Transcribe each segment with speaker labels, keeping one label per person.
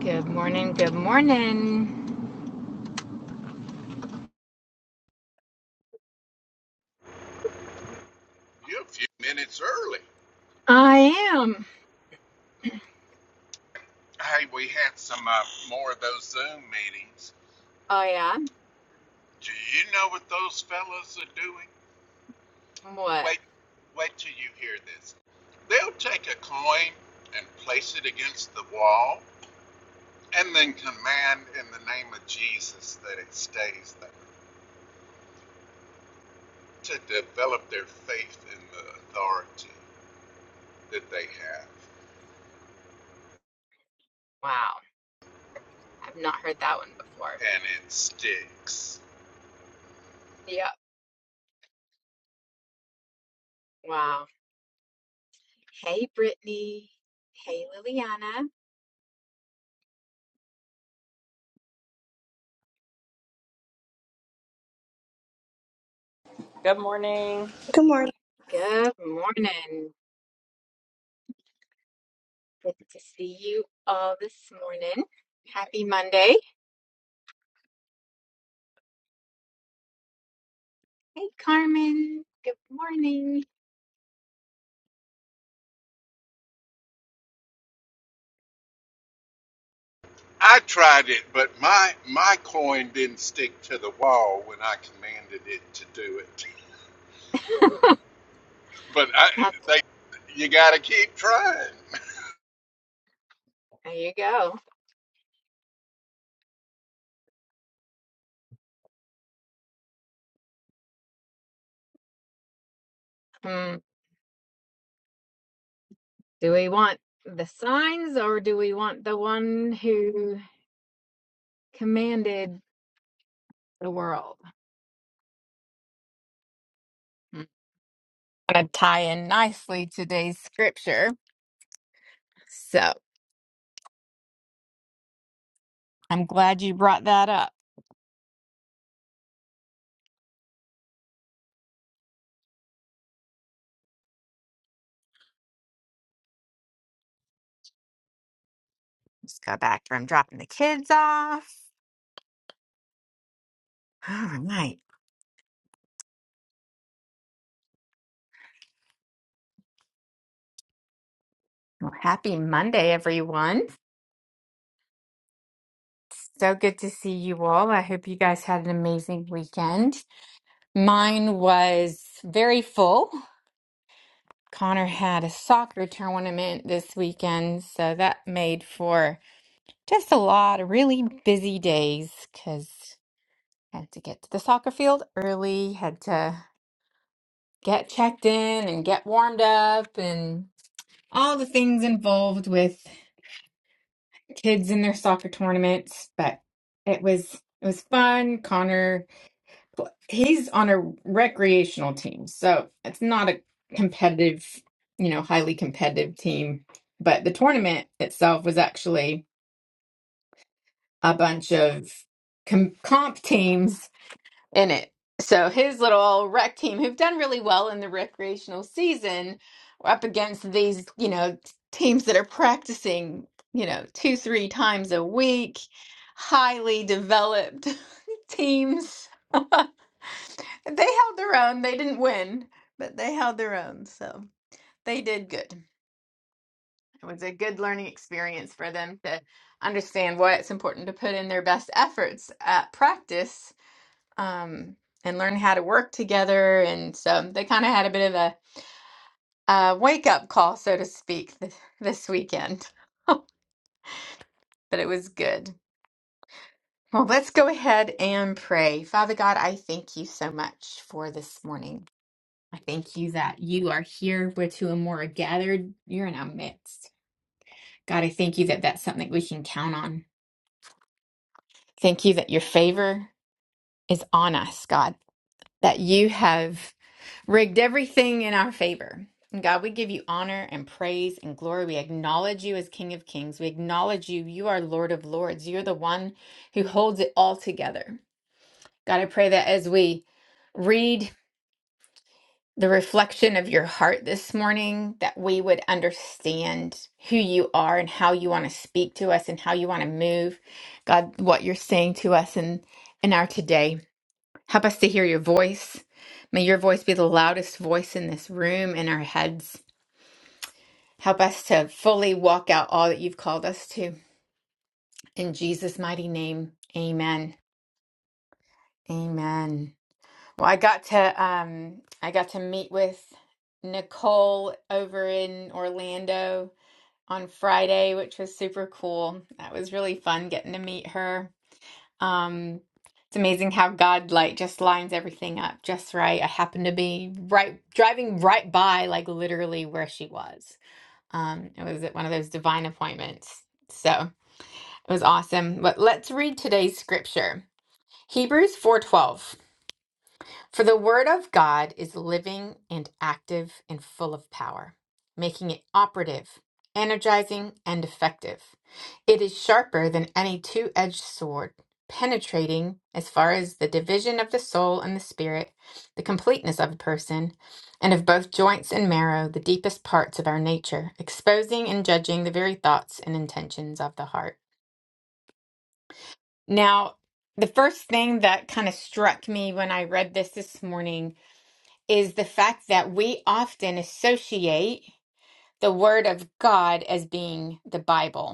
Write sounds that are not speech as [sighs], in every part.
Speaker 1: Good morning. Good morning.
Speaker 2: You're a few minutes early.
Speaker 1: I am.
Speaker 2: Hey, we had some uh, more of those Zoom meetings.
Speaker 1: Oh, yeah.
Speaker 2: Do you know what those fellas are doing?
Speaker 1: What?
Speaker 2: Wait, wait till you hear this. They'll take a coin and place it against the wall and then command in the name of Jesus that it stays there to develop their faith in the authority that they have.
Speaker 1: Wow. I've not heard that one before.
Speaker 2: And it sticks.
Speaker 1: Yep. Wow. Hey, Brittany. Hey, Liliana.
Speaker 3: Good morning.
Speaker 4: Good morning.
Speaker 1: Good morning. Good to see you all this morning. Happy Monday. Hey, Carmen. Good morning.
Speaker 2: I tried it, but my my coin didn't stick to the wall when I commanded it to do it. [laughs] But I, they, you got to keep trying. [laughs]
Speaker 1: [laughs] there you go. Hmm. Do we want the signs or do we want the one who commanded the world? going to tie in nicely today's scripture. So I'm glad you brought that up. Just got back from dropping the kids off. All right. Well, happy Monday, everyone. So good to see you all. I hope you guys had an amazing weekend. Mine was very full. Connor had a soccer tournament this weekend, so that made for just a lot of really busy days because had to get to the soccer field early, had to get checked in and get warmed up and all the things involved with kids in their soccer tournaments but it was it was fun connor he's on a recreational team so it's not a competitive you know highly competitive team but the tournament itself was actually a bunch of com- comp teams in it. So his little rec team, who've done really well in the recreational season, are up against these, you know, teams that are practicing, you know, two, three times a week, highly developed [laughs] teams. [laughs] they held their own. They didn't win, but they held their own. So they did good. It was a good learning experience for them to understand why it's important to put in their best efforts at practice um, and learn how to work together. And so they kind of had a bit of a, uh wake up call, so to speak, th- this weekend. [laughs] but it was good. Well, let's go ahead and pray. Father God, I thank you so much for this morning. I thank you that you are here where two or more are gathered. You're in our midst. God, I thank you that that's something we can count on. Thank you that your favor is on us, God, that you have. rigged everything in our favor. And God, we give you honor and praise and glory. We acknowledge you as King of Kings. We acknowledge you. You are Lord of Lords. You're the one who holds it all together. God, I pray that as we read the reflection of your heart this morning, that we would understand who you are and how you want to speak to us and how you want to move, God, what you're saying to us in, in our today. Help us to hear your voice. May your voice be the loudest voice in this room, in our heads. Help us to fully walk out all that you've called us to. In Jesus' mighty name, amen. Amen. Well, I got to um I got to meet with Nicole over in Orlando on Friday, which was super cool. That was really fun getting to meet her. Um, it's amazing how God like just lines everything up just right. I happened to be right driving right by like literally where she was. Um, it was one of those divine appointments. So it was awesome. But let's read today's scripture. Hebrews 4:12. For the word of God is living and active and full of power, making it operative, energizing, and effective. It is sharper than any two edged sword, penetrating as far as the division of the soul and the spirit, the completeness of a person, and of both joints and marrow, the deepest parts of our nature, exposing and judging the very thoughts and intentions of the heart. Now, the first thing that kind of struck me when I read this this morning is the fact that we often associate the Word of God as being the Bible.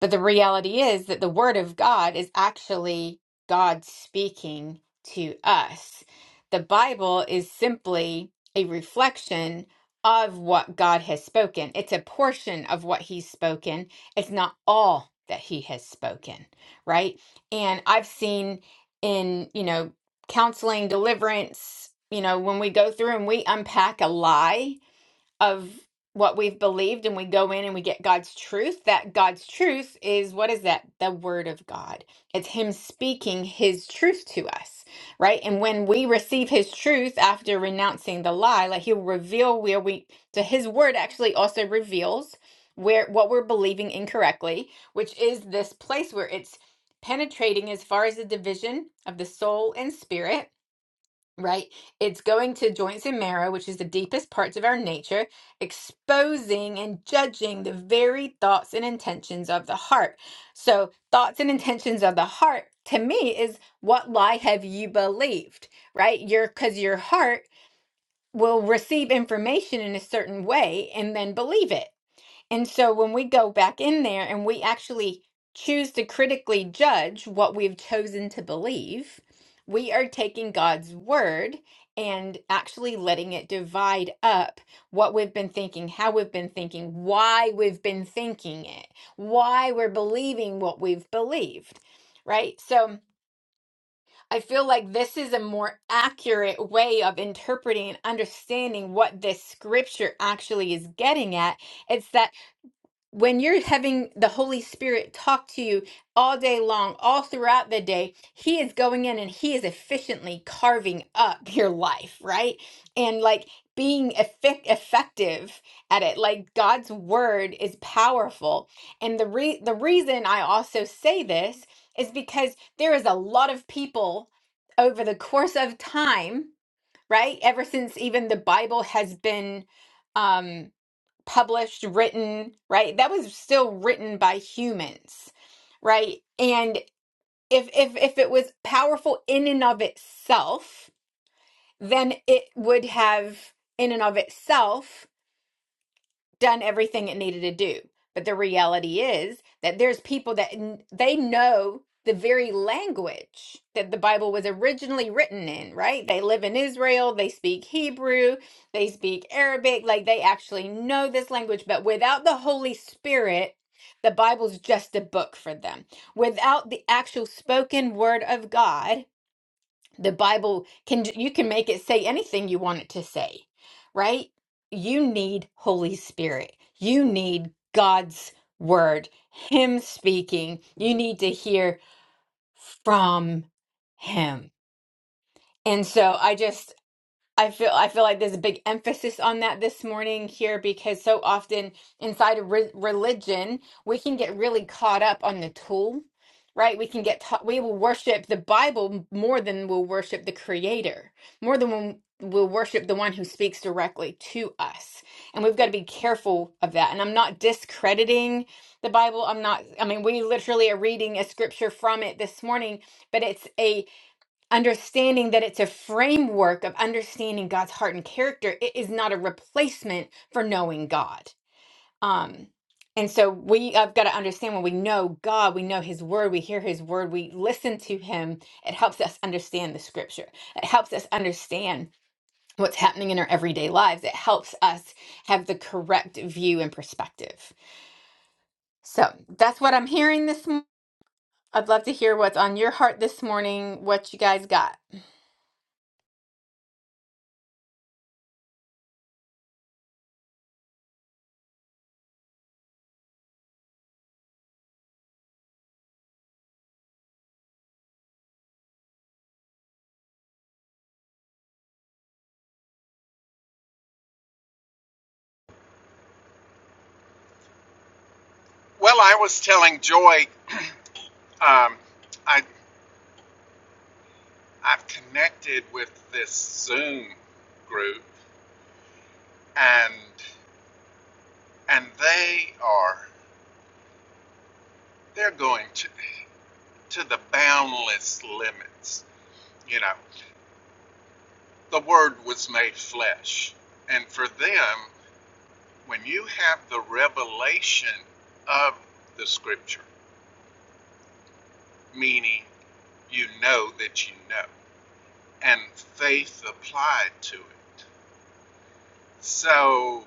Speaker 1: But the reality is that the Word of God is actually God speaking to us. The Bible is simply a reflection of what God has spoken, it's a portion of what He's spoken, it's not all that He has spoken, right? And I've seen in, you know, counseling, deliverance, you know, when we go through and we unpack a lie of what we've believed and we go in and we get God's truth, that God's truth is what is that? The word of God. It's him speaking his truth to us, right? And when we receive his truth after renouncing the lie, like he'll reveal where we so his word actually also reveals where what we're believing incorrectly, which is this place where it's penetrating as far as the division of the soul and spirit right? It's going to joints and marrow, which is the deepest parts of our nature, exposing and judging the very thoughts and intentions of the heart. So, thoughts and intentions of the heart to me is what lie have you believed, right? Your cuz your heart will receive information in a certain way and then believe it. And so when we go back in there and we actually choose to critically judge what we've chosen to believe, we are taking God's word and actually letting it divide up what we've been thinking, how we've been thinking, why we've been thinking it, why we're believing what we've believed. Right? So I feel like this is a more accurate way of interpreting and understanding what this scripture actually is getting at. It's that when you're having the Holy Spirit talk to you all day long, all throughout the day, He is going in and He is efficiently carving up [laughs] your life, right? And like being effic- effective at it. Like God's word is powerful. And the re- the reason I also say this is because there is a lot of people over the course of time, right? Ever since even the Bible has been um published, written, right? That was still written by humans, right? And if if if it was powerful in and of itself, then it would have in and of itself done everything it needed to do. But the reality is that there's people that n- they know the very language that the Bible was originally written in, right? They live in Israel, they speak Hebrew, they speak Arabic, like they actually know this language, but without the Holy Spirit, the Bible's just a book for them. Without the actual spoken word of God, the Bible can you can make it say anything you want it to say, right? You need Holy Spirit. You need God's word, him speaking. You need to hear from him. And so I just I feel I feel like there's a big emphasis on that this morning here because so often inside of re religion we can get really caught up on the tool, right? We can get ta we will worship the Bible more than we'll worship the Creator, more than we'll, we'll worship the one who speaks directly to us, and we've got to be careful of that. And I'm not discrediting the Bible. I'm not. I mean, we literally are reading a scripture from it this morning, but it's a understanding that it's a framework of understanding God's heart and character. It is not a replacement for knowing God. Um, and so we have got to understand when we know God, we know His Word, we hear His Word, we listen to Him. It helps us understand the Scripture. It helps us understand what's happening in our everyday lives. It helps us have the correct view and perspective. So that's what I'm hearing this. i I'd love to hear what's on your heart this morning. What you guys got?
Speaker 2: Well, I was telling Joy, um, I I've connected with this Zoom group, and and they are they're going to to the boundless limits. You know, the Word was made flesh, and for them. when you have the revelation of the scripture, meaning you know that you know, and faith applied to it. So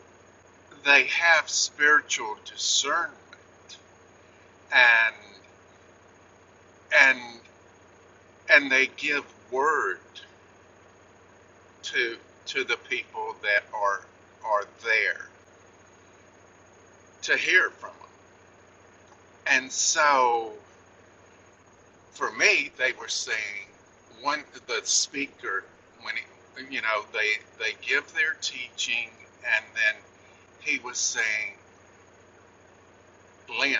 Speaker 2: they have spiritual discernment and and and they give word to to the people that are are there to hear from them. And so for me, they were saying one the speaker when he, you know they they give their teaching and then he was saying, Lynn,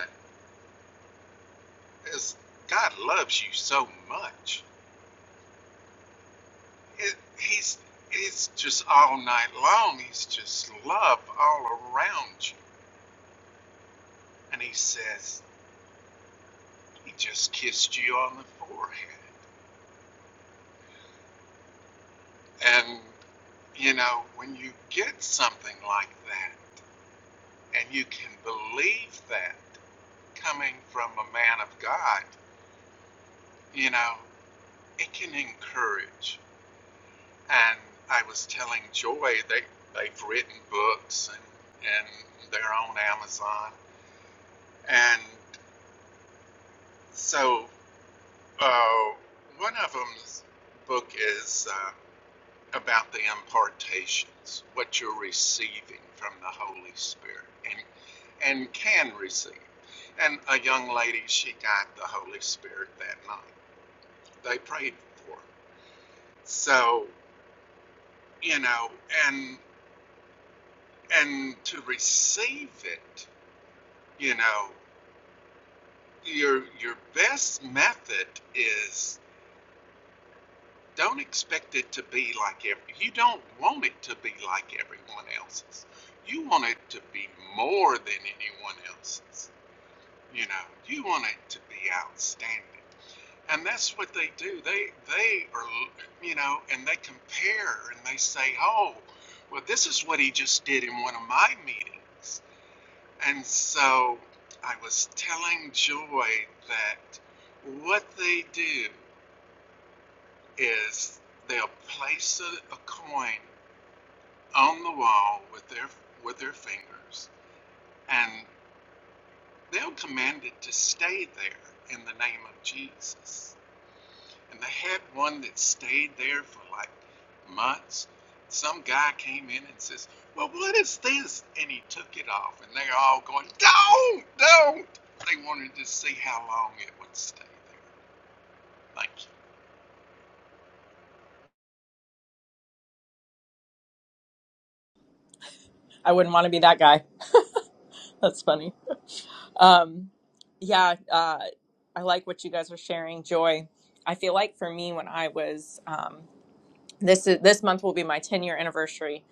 Speaker 2: is God loves you so much. It, he's it's just all night long. He's just love all around you. And he says he just kissed you on the forehead. And you know when you get something like that and you can believe that coming from a man of God, you know, it can encourage. And I was telling Joy they they've written books and and they're on Amazon. And so uh, one of them's book is uh, about the impartations, what you're receiving from the Holy Spirit and and can receive. And a young lady, she got the Holy Spirit that night. They prayed for her. So, you know, and and to receive it, you know, your your best method is don't expect it to be like every you don't want it to be like everyone else's. You want it to be more than anyone else's. You know, you want it to be outstanding. And that's what they do. They they are you know, and they compare and they say, "Oh, well this is what he just did in one of my meetings." And so I was telling Joy that what they do is they'll place a, a coin on the wall with their with their fingers, and they'll command it to stay there in the name of Jesus. and they had one that stayed there for like months. Some guy came in and says, "Well, what is this?" And he took it off, and they're all going, "Don't, don't!" They wanted to see how long it would stay there. Thank you.
Speaker 3: I wouldn't want to be that guy. [laughs] That's funny. Um, yeah, uh, I like what you guys are sharing, Joy. I feel like for me, when I was um, this is, this month will be my ten year anniversary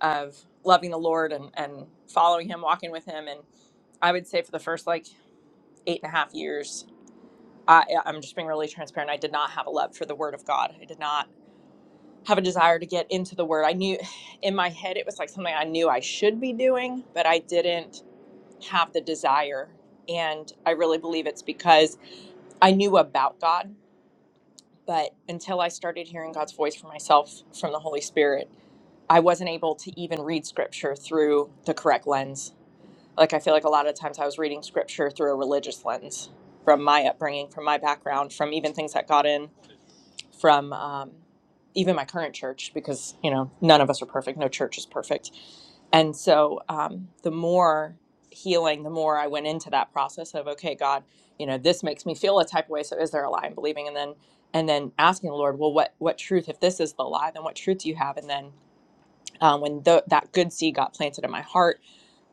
Speaker 3: of loving the Lord and and following Him, walking with Him, and I would say for the first like eight and a half years, I, I'm just being really transparent. I did not have a love for the Word of God. I did not have a desire to get into the Word. I knew [sighs] in my head it was like something I knew I should be doing, but I didn't have the desire. And I really believe it's because I knew about God, but until I started hearing God's voice for myself from the Holy Spirit, I wasn't able to even read scripture through the correct lens. Like, I feel like a lot of times I was reading scripture through a religious lens from my upbringing, from my background, from even things that got in, from um, even my current church, because, you know, none of us are perfect. No church is perfect and so um, the more healing, the more I went into that process of, okay, God, you know, this makes me feel a type of way. So is there a lie I'm believing? And then and then asking the Lord, well, what what truth? If this is the lie, then what truth do you have? And then um, when tho- that good seed got planted in my heart,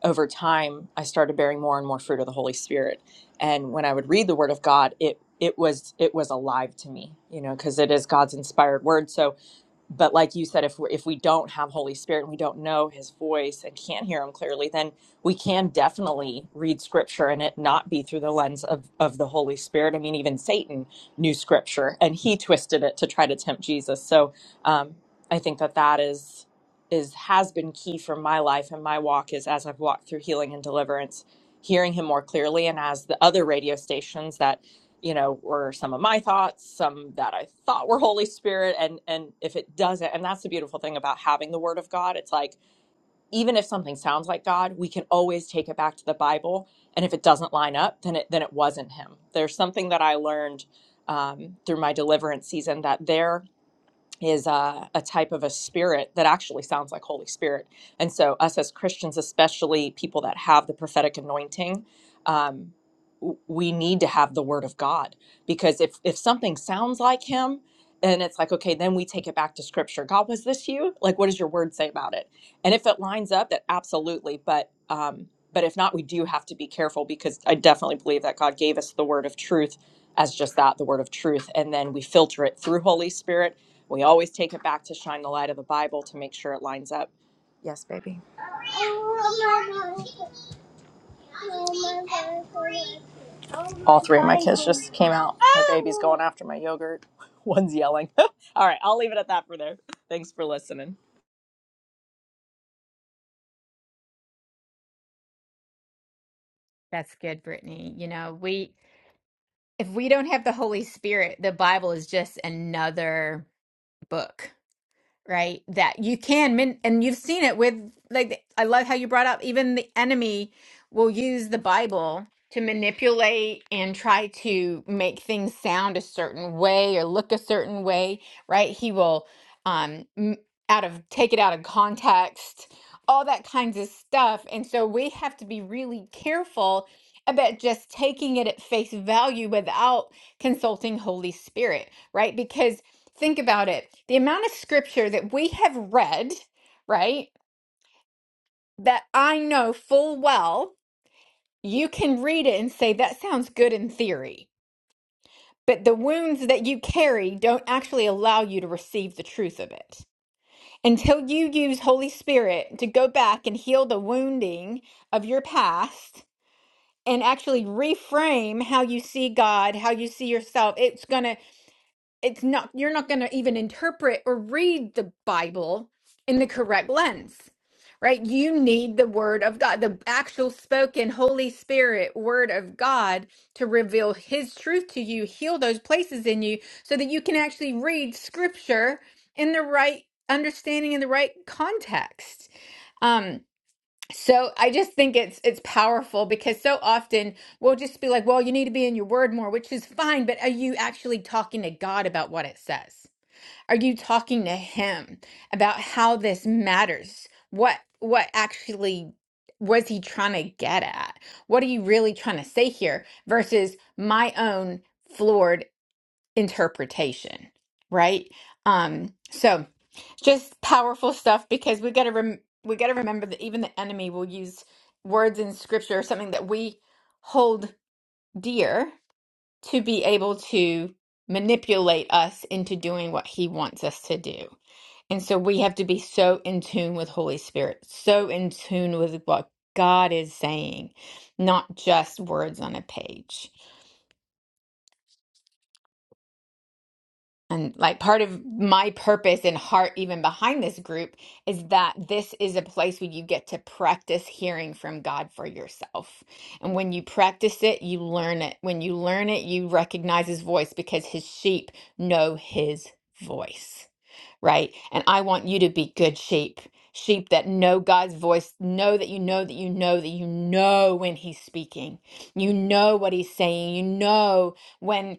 Speaker 3: over time, I started bearing more and more fruit of the Holy Spirit. And when I would read the Word of God, it it was it was alive to me, you know, because it is God's inspired word. So but like you said if we if we don't have holy spirit and we don't know his voice and can't hear him clearly then we can definitely read scripture and it not be through the lens of of the holy spirit i mean even satan knew scripture and he twisted it to try to tempt jesus so um i think that that is is has been key for my life and my walk is as i've walked through healing and deliverance hearing him more clearly and as the other radio stations that you know were some of my thoughts some that i thought were holy spirit and and if it doesn't and that's the beautiful thing about having the word of god it's like even if something sounds like god we can always take it back to the bible and if it doesn't line up then it then it wasn't him there's something that i learned um, through my deliverance season that there is uh, a type of a spirit that actually sounds like Holy Spirit. And so, us as Christians, especially people that have the prophetic anointing, um, w- we need to have the Word of God because if if something sounds like Him, and it's like, okay, then we take it back to Scripture. God, was this you? Like, what does your Word say about it? And if it lines up, that absolutely. But um, but if not, we do have to be careful because I definitely believe that God gave us the Word of truth as just that the word of truth and then we filter it through holy spirit we always take it back to shine the light of the bible to make sure it lines up yes baby all three of my kids just came out my baby's going after my yogurt [laughs] one's yelling [laughs] all right i'll leave it at that for there thanks for listening
Speaker 1: That's good, Brittany. You know, we if we don't have the Holy Spirit, the Bible is just another book right? That you can min and you've seen it with like I love how you brought up even the enemy will use the Bible to manipulate and try to make things sound a certain way or look a certain way, right? He will um m- out of take it out of context, all that kinds of stuff. And so we have to be really careful about just taking it at face value without consulting Holy Spirit, right? Because think about it the amount of scripture that we have read right that i know full well you can read it and say that sounds good in theory but the wounds that you carry don't actually allow you to receive the truth of it until you use holy spirit to go back and heal the wounding of your past and actually reframe how you see god how you see yourself it's going to it's not you're not going to even interpret or read the bible in the correct lens right you need the word of god the actual spoken holy spirit word of god to reveal his truth to you heal those places in you so that you can actually read scripture in the right understanding in the right context Um, so I just think it's it's powerful because so often we'll just be like, well, you need to be in your word more, which is fine, but are you actually talking to God about what it says? Are you talking to him about how this matters? What what actually was he trying to get at? What are you really trying to say here versus my own floored interpretation, right? Um, so just powerful stuff because we got to rem- we got to remember that even the enemy will use words in scripture or something that we hold dear to be able to manipulate us into doing what he wants us to do. And so we have to be so in tune with Holy Spirit, so in tune with what God is saying, not just words on a page. And like part of my purpose and heart, even behind this group, is that this is a place where you get to practice hearing from God for yourself. And when you practice it, you learn it. When you learn it, you recognize his voice because his sheep know his voice, right? And I want you to be good sheep, sheep that know God's voice, know that you know that you know that you know when he's speaking, you know what he's saying, you know when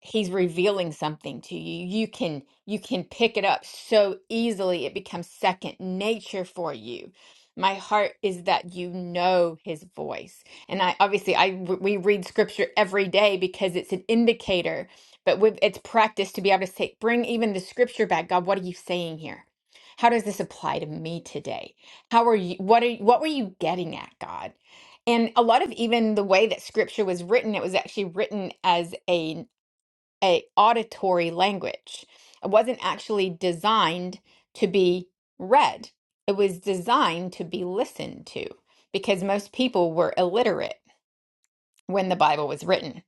Speaker 1: he's revealing something to you you can you can pick it up so easily it becomes second nature for you my heart is that you know his voice and i obviously i we read scripture every day because it's an indicator but with it's practice to be able to say bring even the scripture back god what are you saying here how does this apply to me today how are you what are what were you getting at god and a lot of even the way that scripture was written, it was actually written as a a auditory language. It wasn't actually designed to be read. It was designed to be listened to because most people were illiterate when the Bible was written.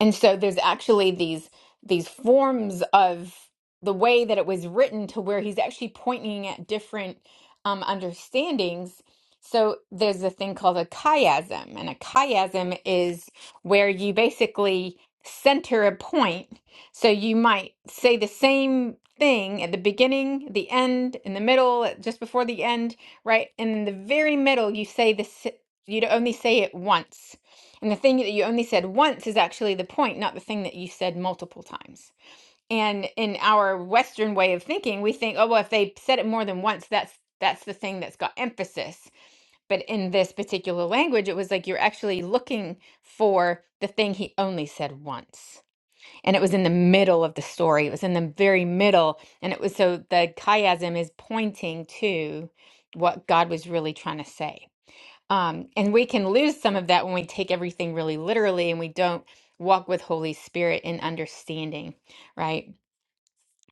Speaker 1: And so there's actually these these forms of the way that it was written to where he's actually pointing at different um, understandings. So there's a thing called a chiasm, and a chiasm is where you basically center a point. So you might say the same thing at the beginning, the end, in the middle, just before the end, right? And in the very middle, you say this, you'd only say it once and the thing that you only said once is actually the point, not the thing that you said multiple times. And in our Western way of thinking, we think, oh well, if they said it more than once, that's that's the thing that's got emphasis. But in this particular language, it was like you're actually looking for the thing he only said once. And it was in the middle of the story. It was in the very middle. And it was so the chiasm is pointing to what God was really trying to say. Um, and we can lose some of that when we take everything really literally and we don't walk with Holy Spirit in understanding, right?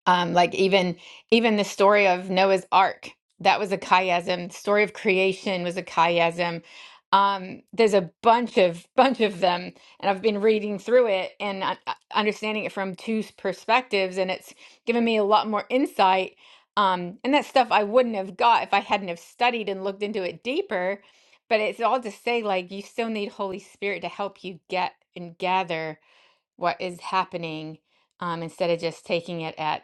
Speaker 1: Um, like even even the story of Noah's Ark, that was a chiasm. The story of creation was a chiasm. Um, there's a bunch of [laughs] bunch of them, and I've been reading through it and uh, uh, understanding it from two s- perspectives, and it's given me a lot more insight. Um, and that stuff I wouldn't have got if I hadn't have studied and looked into it deeper. But it's all to say, like, you still need Holy Spirit to help you get and gather what is happening um, instead of just taking it at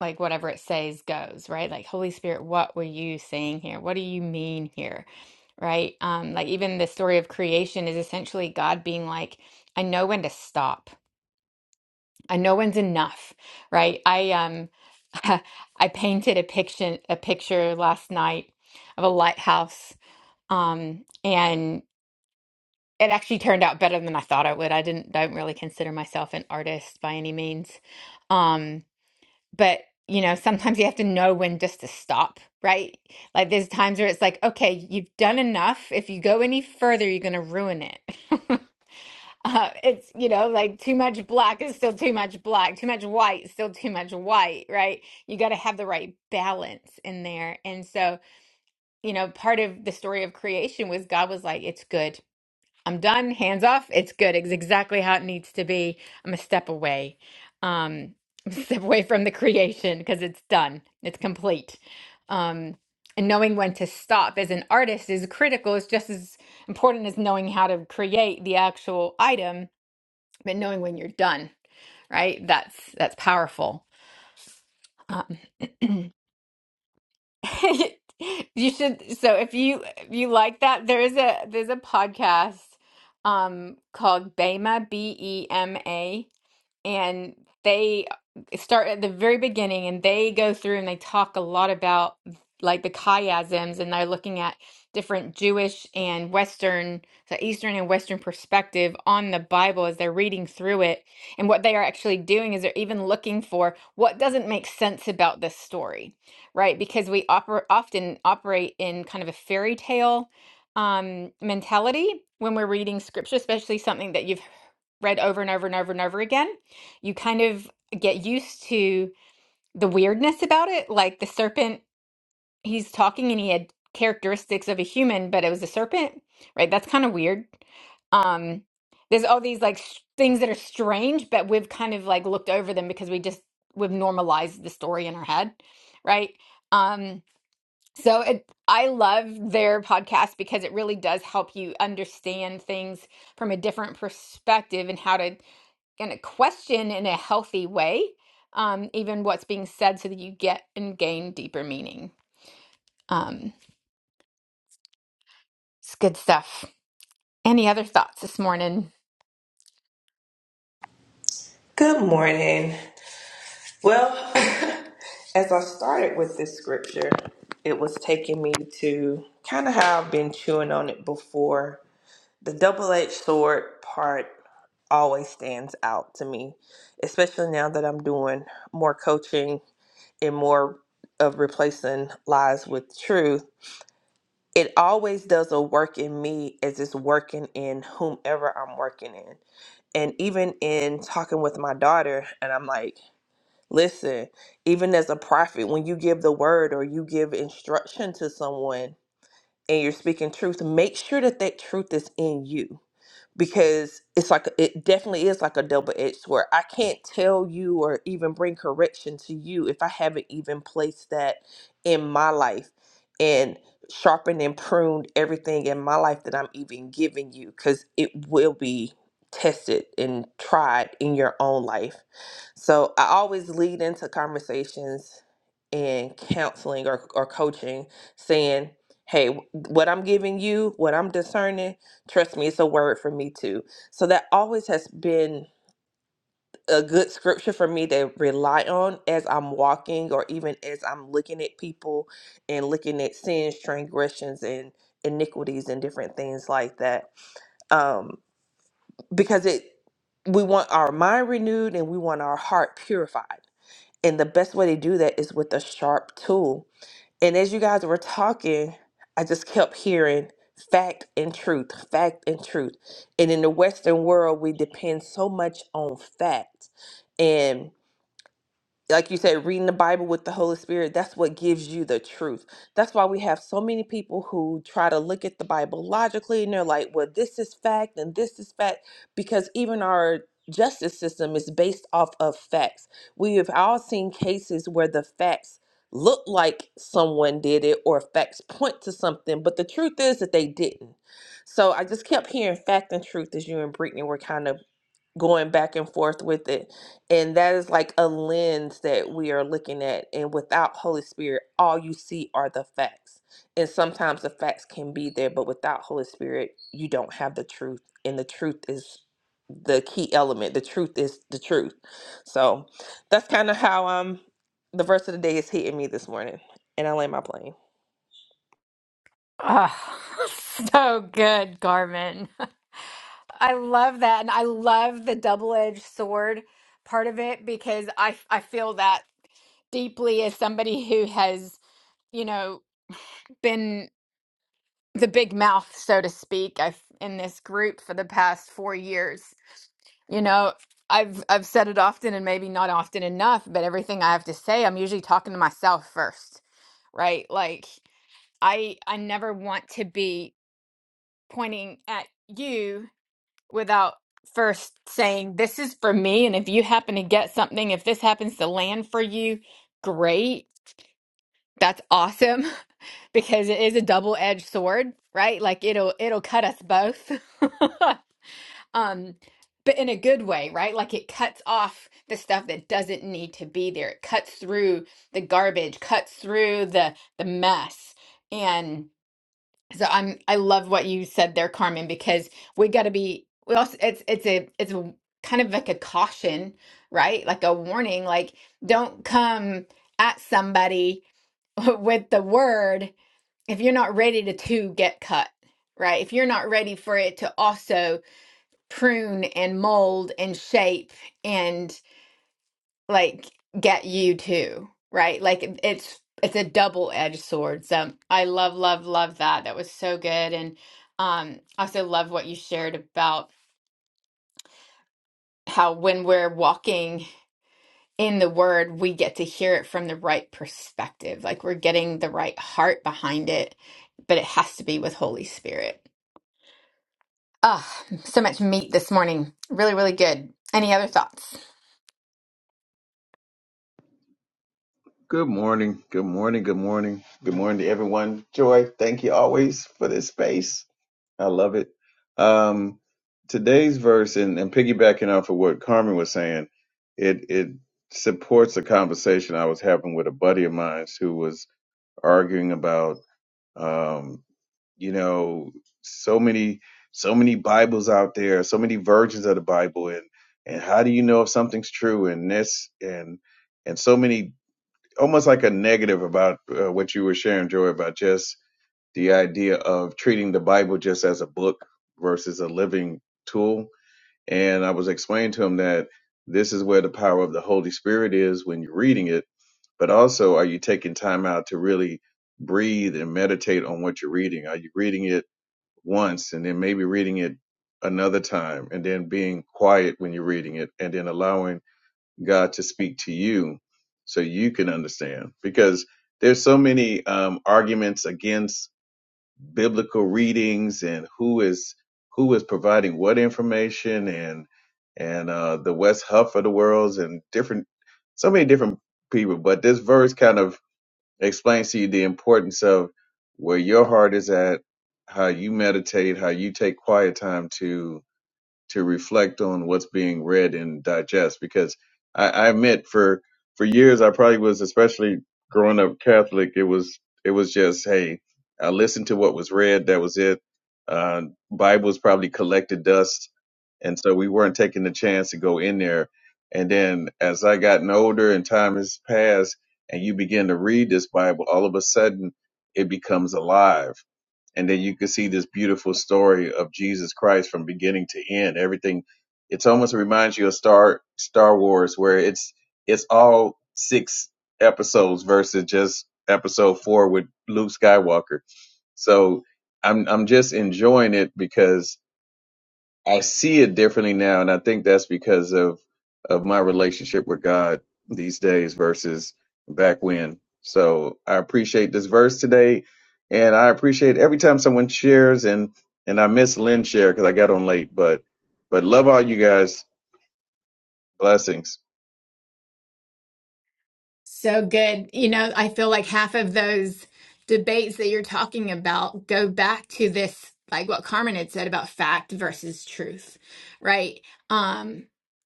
Speaker 1: like whatever it says goes, right? Like, Holy Spirit, what were you saying here? What do you mean here? Right? Um, like even the story of creation is essentially God being like, I know when to stop. I know when's enough, right? I um [laughs] I painted a picture a picture last night of a lighthouse. Um, and it actually turned out better than I thought it would. I didn't don't really consider myself an artist by any means. Um, but you know sometimes you have to know when just to stop right like there's times where it's like okay you've done enough if you go any further you're going to ruin it [laughs] uh, it's you know like too much black is still too much black too much white is still too much white right you got to have the right balance in there and so you know part of the story of creation was god was like it's good I'm done, hands off. It's good. It's exactly how it needs to be. I'm a step away. Um, [laughs] I'm a step away from the creation because it's done. It's complete. Um, and knowing when to stop as an artist is critical. It's just as important as knowing how to create the actual item, but knowing when you're done, right? That's that's powerful. Um, [clears throat] [laughs] You should. So if you if you like that, there is a there's a podcast um called Bema B E M A and they start at the very beginning and they go through and they talk a lot about like the chiasms and they're looking at different Jewish and Western, so Eastern and Western perspective on the Bible as they're reading through it. And what they are actually doing is they're even looking for what doesn't make sense about this story, right? Because we oper- often operate in kind of a fairy tale um, mentality when we're reading scripture, especially something that you've read over and over and over and over again, you kind of get used to the weirdness about it. Like the serpent, he's talking and he had characteristics of a human, but it was a serpent, right? That's kind of weird. Um, there's all these like s things that are strange, but we've kind of like looked over them because we just we've normalized the story in our head, right? Um, so it, I love their podcast because it really does help you understand things from a different perspective and how to going to question in a healthy way, um, even what's being said, so that you get and gain deeper meaning. Um, it's good stuff. Any other thoughts this morning?
Speaker 5: Good morning. Well, [laughs] as I started with this scripture, it was taking me to kind of how I've been chewing on it before. The double edged sword part always stands out to me, especially now that I'm doing more coaching and more of replacing lies with truth. It always does a work in me as it's working in whomever I'm working in. And even in talking with my daughter, and I'm like, Listen, even as a prophet, when you give the word or you give instruction to someone and you're speaking truth, make sure that that truth is in you because it's like it definitely is like a double-edged sword i can't tell you or even bring correction to you if i haven't even placed that in my life and sharpened and pruned everything in my life that i'm even giving you because it will be tested and tried in your own life so I always lead into conversations and counseling or, or coaching saying, hey, what I'm giving you, what I'm discerning, Trust me, it's a word for me too. So that always has been a good scripture for me to rely on as I'm walking or even as I'm looking at people and looking at sins, transgressions, and iniquities and different things like that. Um, because it we want our mind renewed and we want our heart purified. And the best way to do that is with a sharp tool. And as you guys were talking, I just kept hearing fact and truth, fact and truth. And in the Western world, we depend so much on fact. And like you said, reading the Bible with the Holy Spirit, that's what gives you the truth. That's why we have so many people who try to look at the Bible logically and they're like, well, this is fact and this is fact, because even our justice system is based off of facts. We have all seen cases where the facts look like someone did it or facts point to something, but the truth is that they didn't. So I just kept hearing fact and truth as you and Brittany were kind of going back and forth with it. And that is like a lens that we are looking at. And without Holy Spirit, all you see are the facts. And sometimes the facts can be there, but without Holy Spirit, you don't have the truth. And the truth is the key element. The truth is the truth. So that's kind of how um the verse of the day is hitting me this morning. And I land my plane.
Speaker 1: Oh, [laughs] so good, Garmin. [laughs] I love that. And I love the double-edged sword part of it because I I feel that deeply as somebody who has, you know, been the big mouth, so to speak, I've in this group for the past four years. You know, I've I've said it often and maybe not often enough, but everything I have to say, I'm usually talking to myself first, right? Like I I never want to be pointing at you without first saying this is for me and if you happen to get something, if this happens to land for you, great. That's awesome [laughs] because it is a double-edged sword, right? Like it'll it'll cut us both. [laughs] um but in a good way right like it cuts off the stuff that doesn't need to be there it cuts through the garbage cuts through the the mess and so i'm i love what you said there carmen because we got to be we also it's it's a it's a kind of like a caution right like a warning like don't come at somebody [laughs] with the word if you're not ready to to get cut right if you're not ready for it to also prune and mold and shape and like get you too, right? Like it- it's it's a double-edged sword. So I love, love, love that. That was so good. And um I also love what you shared about how when we're walking in the word, we get to hear it from the right perspective. Like we're getting the right heart behind it, but it has to be with Holy Spirit. Ah, so much meat this morning. Really, really good. Any other thoughts?
Speaker 6: Good morning. Good morning. Good morning. Good morning to everyone. Joy, thank you always for this space. I love it. Um, today's verse, and, and piggybacking off of what Carmen was saying, it it supports a conversation I was having with a buddy of mine who was arguing about, um, you know, so many so many Bibles out there, so many versions of the Bible, and and how do you know if something's true? And this and and so many almost like a negative about uh, what you were sharing, Joy, about just the idea of treating the Bible just as a book versus a living tool. And I was explaining to him that this is where the power of the Holy Spirit is when you're reading it, but also are you taking time out to really breathe and meditate on what you're reading? Are you reading it once and then maybe reading it another time and then being quiet when you're reading it and then allowing God to speak to you so you can understand because there's so many um, arguments against biblical readings and who is who is providing what information and and uh, the West Huff of the worlds and different so many different people but this verse kind of explains to you the importance of where your heart is at how you meditate how you take quiet time to to reflect on what's being read and digest because I, I admit for for years I probably was especially growing up Catholic it was it was just hey I listened to what was read that was it uh, Bible's probably collected dust and so we weren't taking the chance to go in there and then as I gotten older and time has passed and you begin to read this Bible all of a sudden it becomes alive and then you can see this beautiful story of Jesus Christ from beginning to end. Everything it's almost reminds you of Star Star Wars where it's it's all six episodes versus just episode 4 with Luke Skywalker. So I'm I'm just enjoying it because I see it differently now, and I think that's because of of my relationship with God these days versus back when. So I appreciate this verse today, and I appreciate every time someone shares and and I miss Lynn share because I got on late, but but love all you guys. Blessings.
Speaker 1: So good. You know, I feel like half of those debates that you're talking about go back to this, like what Carmen had said about fact versus truth, right? Um,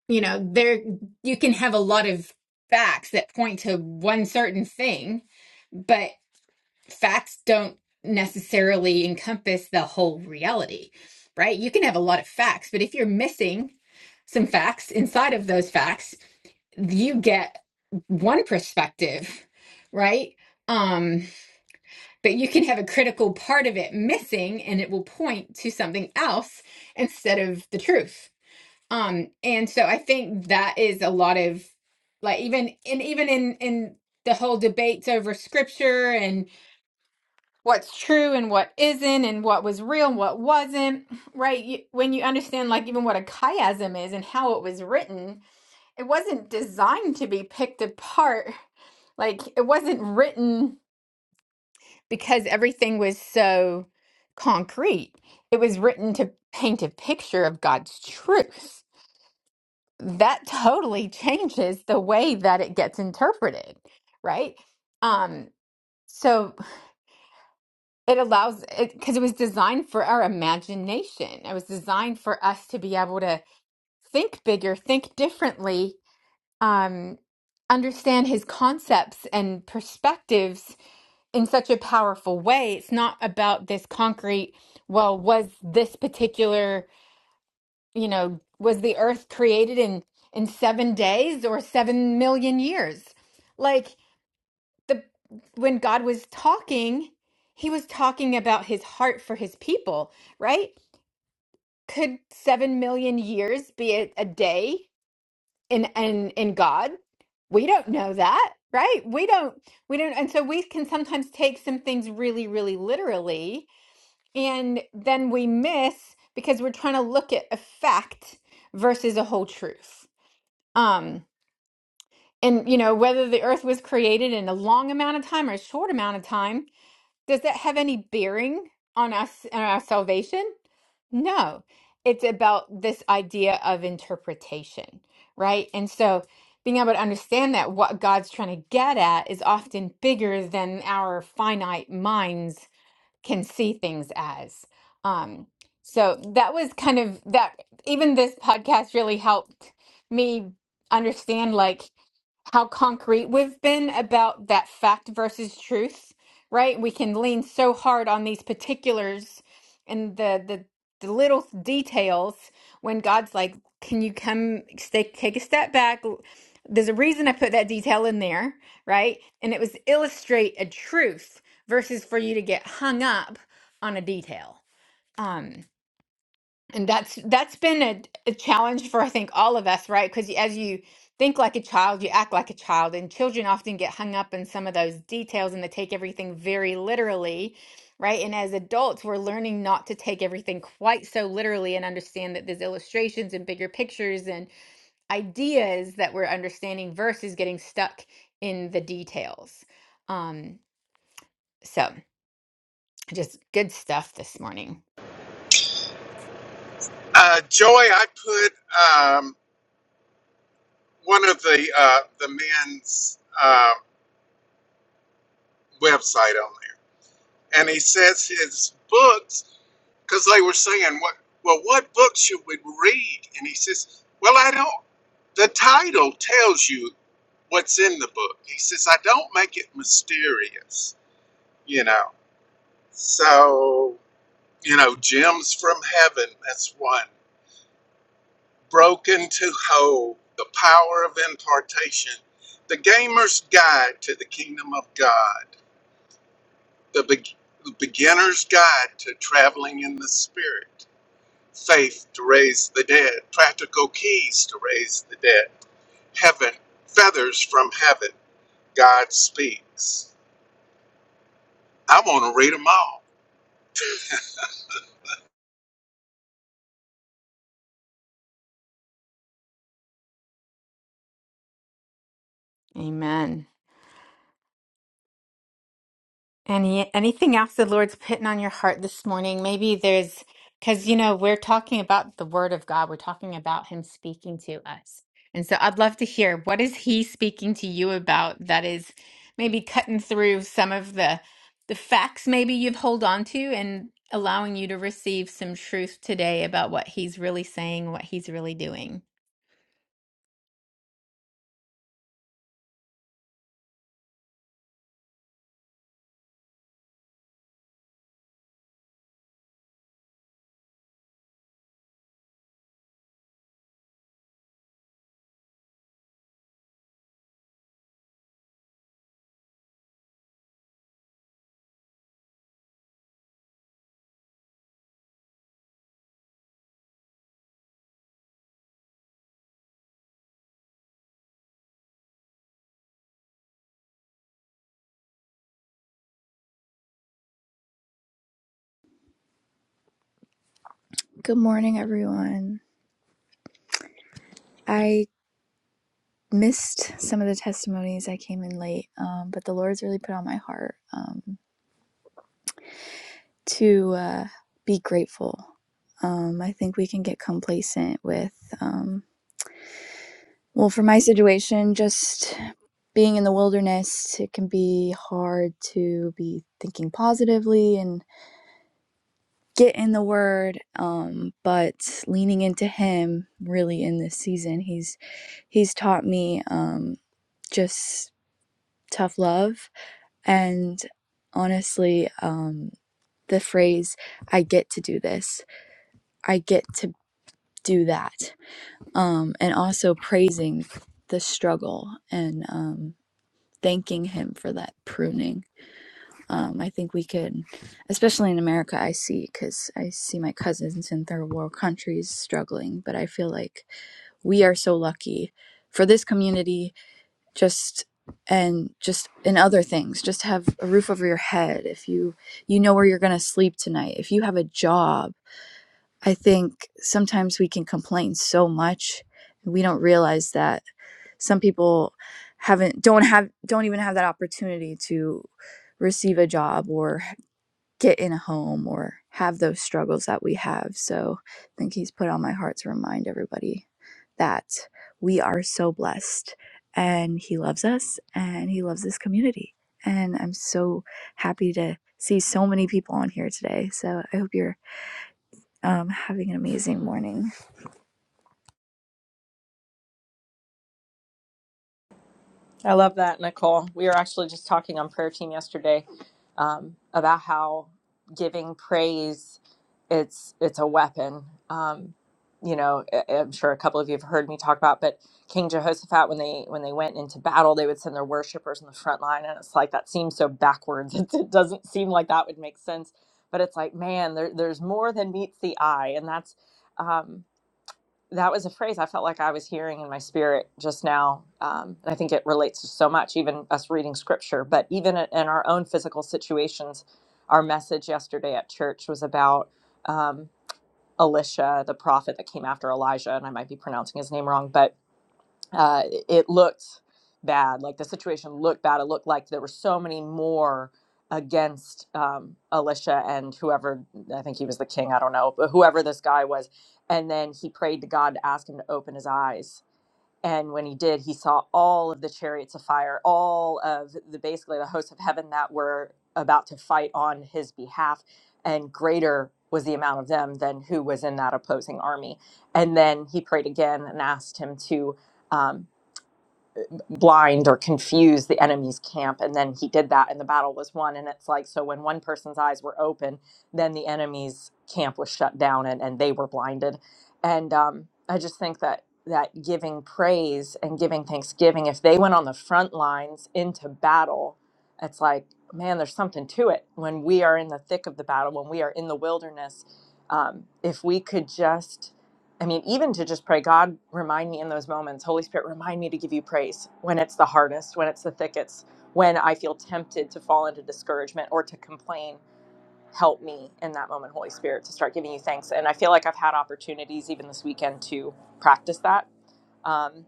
Speaker 1: you know, there you can have a lot of facts that point to one certain thing, but facts don't necessarily encompass the whole reality, right? You can have a lot of facts, but if you're missing some facts inside of those facts, you get one perspective, right? Um, but you can have a critical part of it missing and it will point to something else instead of the truth. Um, and so I think that is a lot of like even and even in in the whole debates over scripture and what's true and what isn't and what was real and what wasn't, right? You, when you understand like even what a chiasm is and how it was written, it wasn't designed to be picked apart like it wasn't written because everything was so concrete. It was written to paint a picture of God's truth. That totally changes the way that it gets interpreted, right? Um, so it allows it because it was designed for our imagination. It was designed for us to be able to think bigger, think differently, um, understand his concepts and perspectives in such a powerful way. It's not about this concrete, well, was this particular, you know, was the earth created in in 7 days or 7 million years? Like the when God was talking, he was talking about his heart for his people, right? Could 7 million years be a, a day in in in God? We don't know that, right? We don't we don't and so we can sometimes take some things really really literally And then we miss because we're trying to look at effect versus a whole truth. Um, and you know, whether the earth was created in a long amount of time or a short amount of time, does that have any bearing on us and our salvation? No. It's about this idea of interpretation, right? And so being able to understand that what God's trying to get at is often bigger than our finite minds can see things as. Um, so that was kind of that, even this podcast really helped me understand like how concrete we've been about that fact versus truth, right? We can lean so hard on these particulars and the the, the little details when God's like, "Can you come stay, take a step back?" There's a reason I put that detail in there, right? And it was illustrate a truth versus for you to get hung up on a detail. Um and that's that's been a, a challenge for I think all of us, right? Because as you think like a child, you act like a child, and children often get hung up in some of those details and they take everything very literally, right? And as adults, we're learning not to take everything quite so literally and understand that there's illustrations and bigger pictures and ideas that we're understanding versus getting stuck in the details. Um, so just good stuff this morning.
Speaker 2: Uh, Joy, I put um, one of the uh, the men's uh, website on there. and he says his books because they were saying what well what book should we read and he says well i don't the title tells you what's in the book he says i don't make it mysterious you know so you know gems from heaven that's one broken to whole the power of impartation the gamer's guide to the kingdom of god the, Be- the beginner's guide to traveling in the spirit faith to raise the dead, practical keys to raise the dead, heaven, feathers from heaven, God speaks. I want to read them all.
Speaker 1: Amen. Any anything else the Lord's putting on your heart this morning? Maybe there's because you know we're talking about the Word of God. We're talking about Him speaking to us, and so I'd love to hear what is He speaking to you about that is maybe cutting through some of the the facts maybe you've hold on to and allowing you to receive some truth today about what He's really saying, what He's really doing.
Speaker 7: Good morning, everyone. I missed some of the testimonies. I came in late, um, but the Lord's really put on my heart um, to uh, be grateful. Um, I think we can get complacent with, um, well, for my situation, just being in the wilderness, it can be hard to be thinking positively and get in the word. Um, but leaning into Him really in this season, He's He's taught me um, just tough love. And honestly, um, the phrase, I get to do this, I get to do that. Um, and also praising the struggle and um, thanking him for that pruning. Um, I think we could, especially in America, I see, because I see my cousins in third world countries struggling, but I feel like we are so lucky for this community just and just in other things just have a roof over your head if you you know where you're going to sleep tonight if you have a job i think sometimes we can complain so much and we don't realize that some people haven't don't have don't even have that opportunity to receive a job or get in a home or have those struggles that we have. So I think he's put on my heart to remind everybody that we are so blessed and he loves us and he loves this community. And I'm so happy to see so many people on here today. So I hope you're um, having an amazing morning.
Speaker 3: I love that, Nicole. We were actually just talking on prayer team yesterday um, about how giving praise it's it's a weapon. Um, you know, I- I'm sure a couple of you have heard me talk about, but King Jehoshaphat when they when they went into battle, they would send their worshipers in the front line, and it's like that seems so backwards. [laughs] It, it doesn't seem like that would make sense, but it's like man, there, there's more than meets the eye, and that's. Um, that was a phrase I felt like I was hearing in my spirit just now. Um, and I think it relates to so much, even us reading scripture, but even in in our own physical situations. Our message yesterday at church was about um, Elisha, the prophet that came after Elijah, and I might be pronouncing his name wrong, but uh, it looked bad. Like the situation looked bad. It looked like there were so many more against um, Alicia and whoever, I think he was the king, I don't know, but whoever this guy was. And then he prayed to God to ask him to open his eyes. And when he did, he saw all of the chariots of fire, all of the basically the hosts of heaven that were about to fight on his behalf. And greater was the amount of them than who was in that opposing army. And then he prayed again and asked him to. Um, blind or confuse the enemy's camp and then he did that and the battle was won and it's like so when one person's eyes were open then the enemy's camp was shut down and, and they were blinded and um, i just think that that giving praise and giving thanksgiving if they went on the front lines into battle it's like man there's something to it when we are in the thick of the battle when we are in the wilderness um, if we could just I mean, even to just pray, God, remind me in those moments, Holy Spirit, remind me to give you praise when it's the hardest, when it's the thickest, when I feel tempted to fall into discouragement or to complain. Help me in that moment, Holy Spirit, to start giving you thanks. And I feel like I've had opportunities even this weekend to practice that. Um,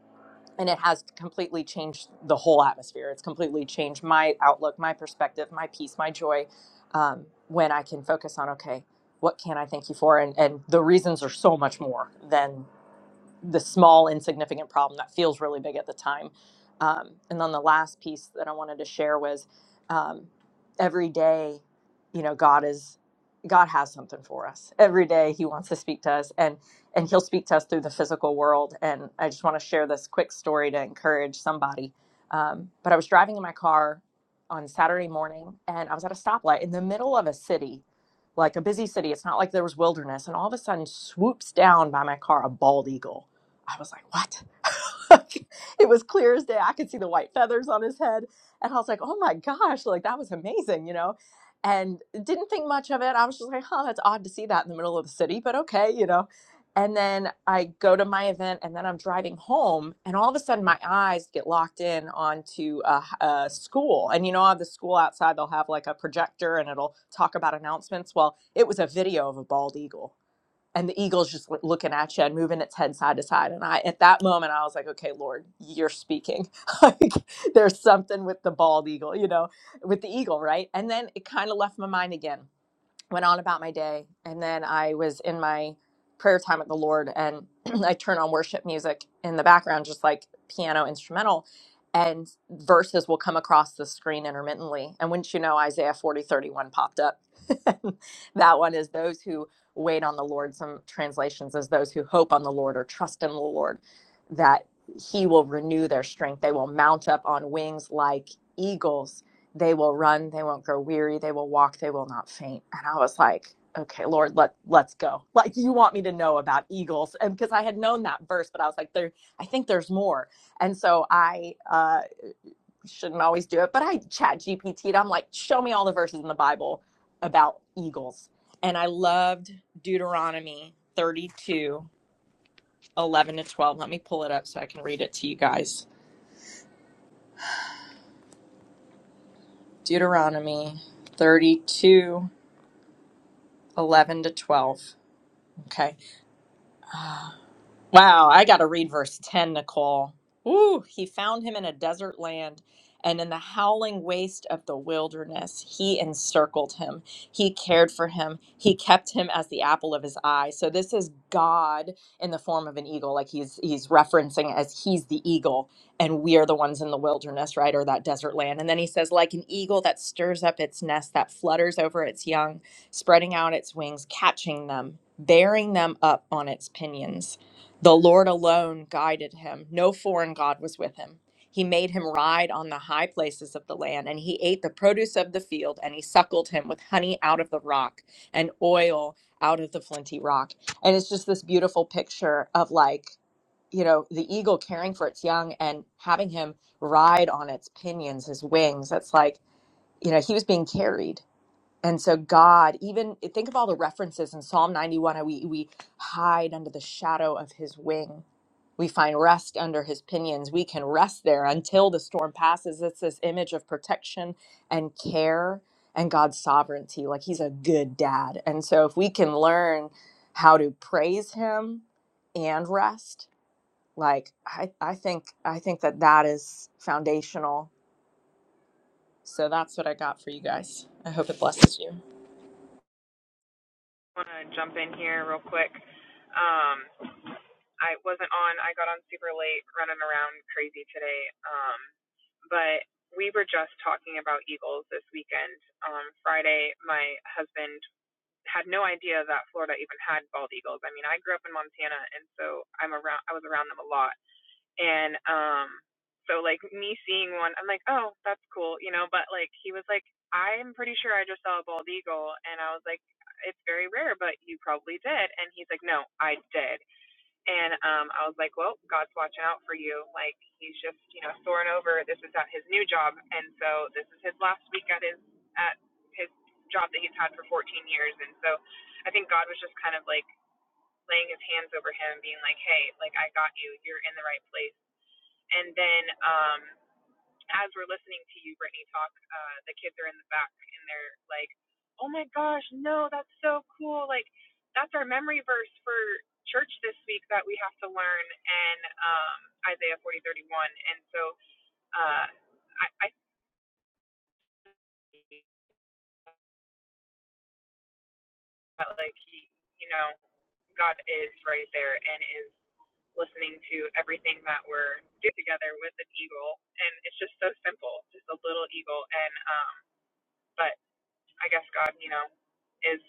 Speaker 3: and it has completely changed the whole atmosphere. It's completely changed my outlook, my perspective, my peace, my joy um, when I can focus on, okay, what can I thank you for? And, and the reasons are so much more than the small insignificant problem that feels really big at the time um, and then the last piece that i wanted to share was um, every day you know god is god has something for us every day he wants to speak to us and and he'll speak to us through the physical world and i just want to share this quick story to encourage somebody um, but i was driving in my car on saturday morning and i was at a stoplight in the middle of a city like a busy city. It's not like there was wilderness. And all of a sudden, swoops down by my car a bald eagle I was like, what? [laughs] it was clear as day. I could see the white feathers on his head. And I was like, oh my gosh, like that was amazing, you know? And didn't think much of it. I was just like, huh, that's odd to see that in the middle of the city, but okay, you know? And then I go to my event and then I'm driving home and all of a sudden my eyes get locked in onto a a school. And you know, on the school outside, they'll have like a projector and it'll talk about announcements. Well, it was a video of a bald eagle and the eagle's just like, looking at you and moving its head side to side and i at that moment i was like okay lord you're speaking [laughs] like there's something with the bald eagle you know with the eagle right and then it kind of left my mind again went on about my day and then i was in my prayer time with the lord and [clears throat] i turned on worship music in the background just like piano instrumental and verses will come across the screen intermittently and wouldn't you know isaiah 40 31 popped up [laughs] that one is those who wait on the lord some translations is those who hope on the lord or trust in the lord that he will renew their strength they will mount up on wings like eagles they will run they won't grow weary they will walk they will not faint and i was like okay lord let let's go like you want me to know about eagles and because i had known that verse but i was like there i think there's more and so i uh shouldn't always do it but i chat gpt'd i'm like show me all the verses in the bible about eagles and i loved deuteronomy 32 11 to 12 let me pull it up so i can read it to you guys deuteronomy 32 11 to 12 okay Wow, I got to read verse 10, Nicole. Ooh, he found him in a desert land, and in the howling waste of the wilderness, he encircled him. He cared for him. He kept him as the apple of his eye. So this is God in the form of an eagle, like he's he's referencing as he's the eagle, and we are the ones in the wilderness, right, or that desert land. And then he says, like an eagle that stirs up its nest, that flutters over its young, spreading out its wings, catching them, bearing them up on its pinions. The Lord alone guided him. No foreign God was with him. He made him ride on the high places of the land, and he ate the produce of the field, and he suckled him with honey out of the rock and oil out of the flinty rock. And it's just this beautiful picture of like, you know, the eagle caring for its young and having him ride on its pinions, his wings. That's like, you know, he was being carried and so God, even think of all the references in Psalm 91, how we we hide under the shadow of his wing. We find rest under his pinions. We can rest there until the storm passes. It's this image of protection and care and God's sovereignty. Like he's a good dad. And so if we can learn how to praise him and rest, like I, I think I think that that is foundational. So that's what I got for you guys. I hope it blesses you.
Speaker 8: want to jump in here real quick. Um, I wasn't on. I got on super late, running around crazy today. Um, but we were just talking about Eagles this weekend. Um, Friday, my husband had no idea that Florida even had bald eagles. I mean, I grew up in Montana, and so I'm around. I was around them a lot. And um so like me seeing one, I'm like, oh, that's cool, you know. But like he was like, I'm pretty sure I just saw a bald eagle, and I was like, it's very rare, but you probably did. And he's like, no, I did. And um, I was like, well, God's watching out for you. Like he's just, you know, soaring over. This is at his new job, and so this is his last week at his at his job that he's had for 14 years. And so I think God was just kind of like laying his hands over him, being like, hey, like I got you. You're in the right place and then um, as we're listening to you, Brittany, talk, uh, the kids are in the back and they're like, oh my gosh, no, that's so cool. Like, that's our memory verse for church this week that we have to learn and um, Isaiah 40:31. And so uh, I, I think like, he, you know, God is right there and is listening to everything that we're doing together with an eagle. And it's just so simple, just a little eagle. And, um, but I guess God, you know, is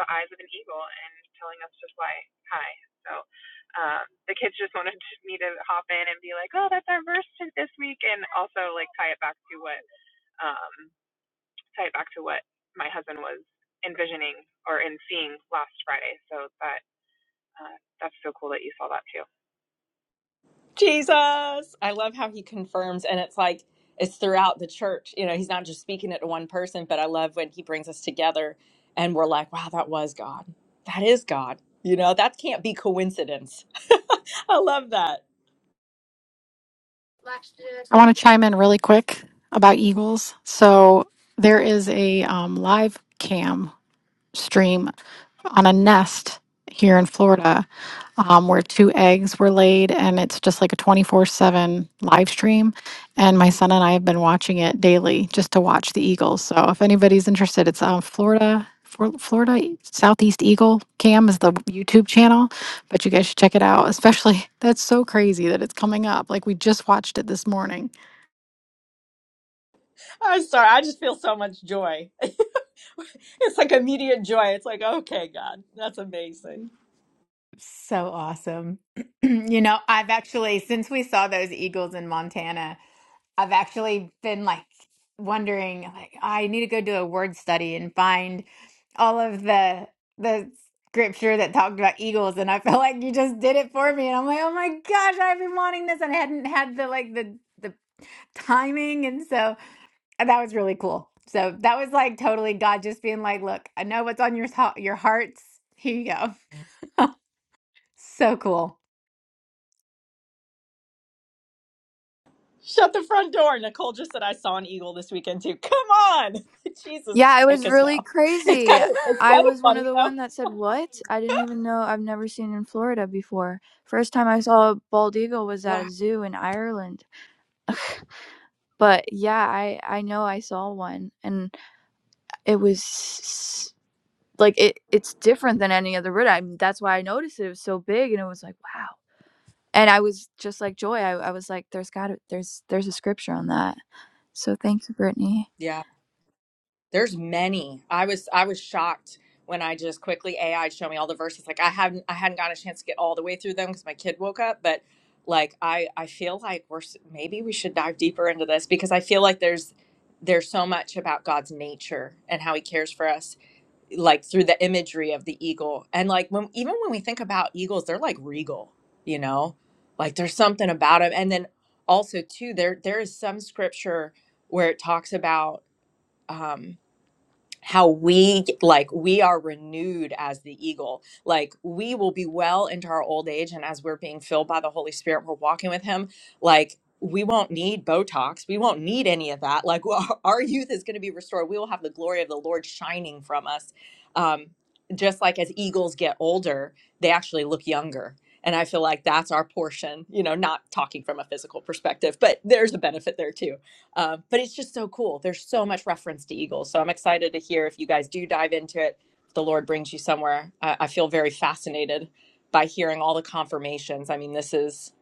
Speaker 8: the eyes of an eagle and telling us to fly high. So um, the kids just wanted to- me to hop in and be like, "Oh, that's our verse to this week," and also like tie it back to what um, tie it back to what my husband was envisioning or in seeing last Friday. So that uh, that's so cool that you saw that too.
Speaker 3: Jesus. I love how he confirms, and it's like it's throughout the church. You know, he's not just speaking it to one person, but I love when he brings us together and we're like, wow, that was God. That is God. You know, that can't be coincidence. [laughs] I love that.
Speaker 9: I want to chime in really quick about Eagles. So there is a um, live cam stream on a nest here in Florida um, where two eggs were laid, and it's just like a 24 7 live stream. And my son and I have been watching it daily just to watch the Eagles. So if anybody's interested, it's um, Florida. Flor- Florida Southeast Eagle Cam is the YouTube channel, but you guys should check it out. Especially, [laughs] that's so crazy that it's coming up. Like, we just watched it this morning
Speaker 3: I'm sorry. I just feel so much joy. [laughs] it's like immediate joy. It's like, okay, God, that's amazing.
Speaker 1: So awesome. [clears throat] You know, I've actually, since we saw those eagles in Montana, I've actually been like wondering, like, I need to go do a word study and find all of the the scripture that talked about eagles. And I felt like you just did it for me. And I'm like, oh my gosh, I've been wanting this, and I hadn't had the like the the timing. And so and that was really cool. So that was like totally God just being like, look, I know what's on your thou- your hearts. Here you go. So cool.
Speaker 3: Shut the front door. Nicole just said I saw an eagle this weekend too. Come on. [laughs] Jesus,
Speaker 7: Yeah, it was
Speaker 3: take us
Speaker 7: really
Speaker 3: now. It's
Speaker 7: crazy.
Speaker 3: kind of it's
Speaker 7: I
Speaker 3: kind
Speaker 7: was
Speaker 3: of
Speaker 7: one of
Speaker 3: funny
Speaker 7: the one
Speaker 3: though.
Speaker 7: that said, "What? I didn't even know. I've never seen in Florida before. First time I saw a bald eagle was at a zoo in Ireland." But yeah, I I know I saw one and it was s- like it it's different than any other bird. I mean, that's why I noticed it. It was so big and it was like, wow. And I was just like Joy, I, I was like, there's gotta there's there's a scripture on that. So thank you, Brittany.
Speaker 3: Yeah, there's many. I was I was shocked when I just quickly AI show me all the verses. Like I hadn't I hadn't gotten a chance to get all the way through them because my kid woke up. But like I I feel like we're s- maybe we should dive deeper into this because I feel like there's there's so much about God's nature and how He cares for us, like through the imagery of the eagle. And like when even when we think about eagles, they're like regal, you know, like there's something about them. And then also too, there there is some scripture where it talks about. Um, how we like we are renewed as the eagle like we will be well into our old age and as we're being filled by the holy spirit we're walking with him like we won't need botox we won't need any of that like [laughs] our our youth is going to be restored we will have the glory of the lord shining from us um just like as eagles get older they actually look younger and i feel like that's our portion you know not talking from a physical perspective but there's a benefit there too uh, but it's just so cool. There's so much reference to eagles. So I'm excited to hear if you guys do dive into it, if the Lord brings you somewhere. I, I feel very fascinated by hearing all the confirmations. I mean, this is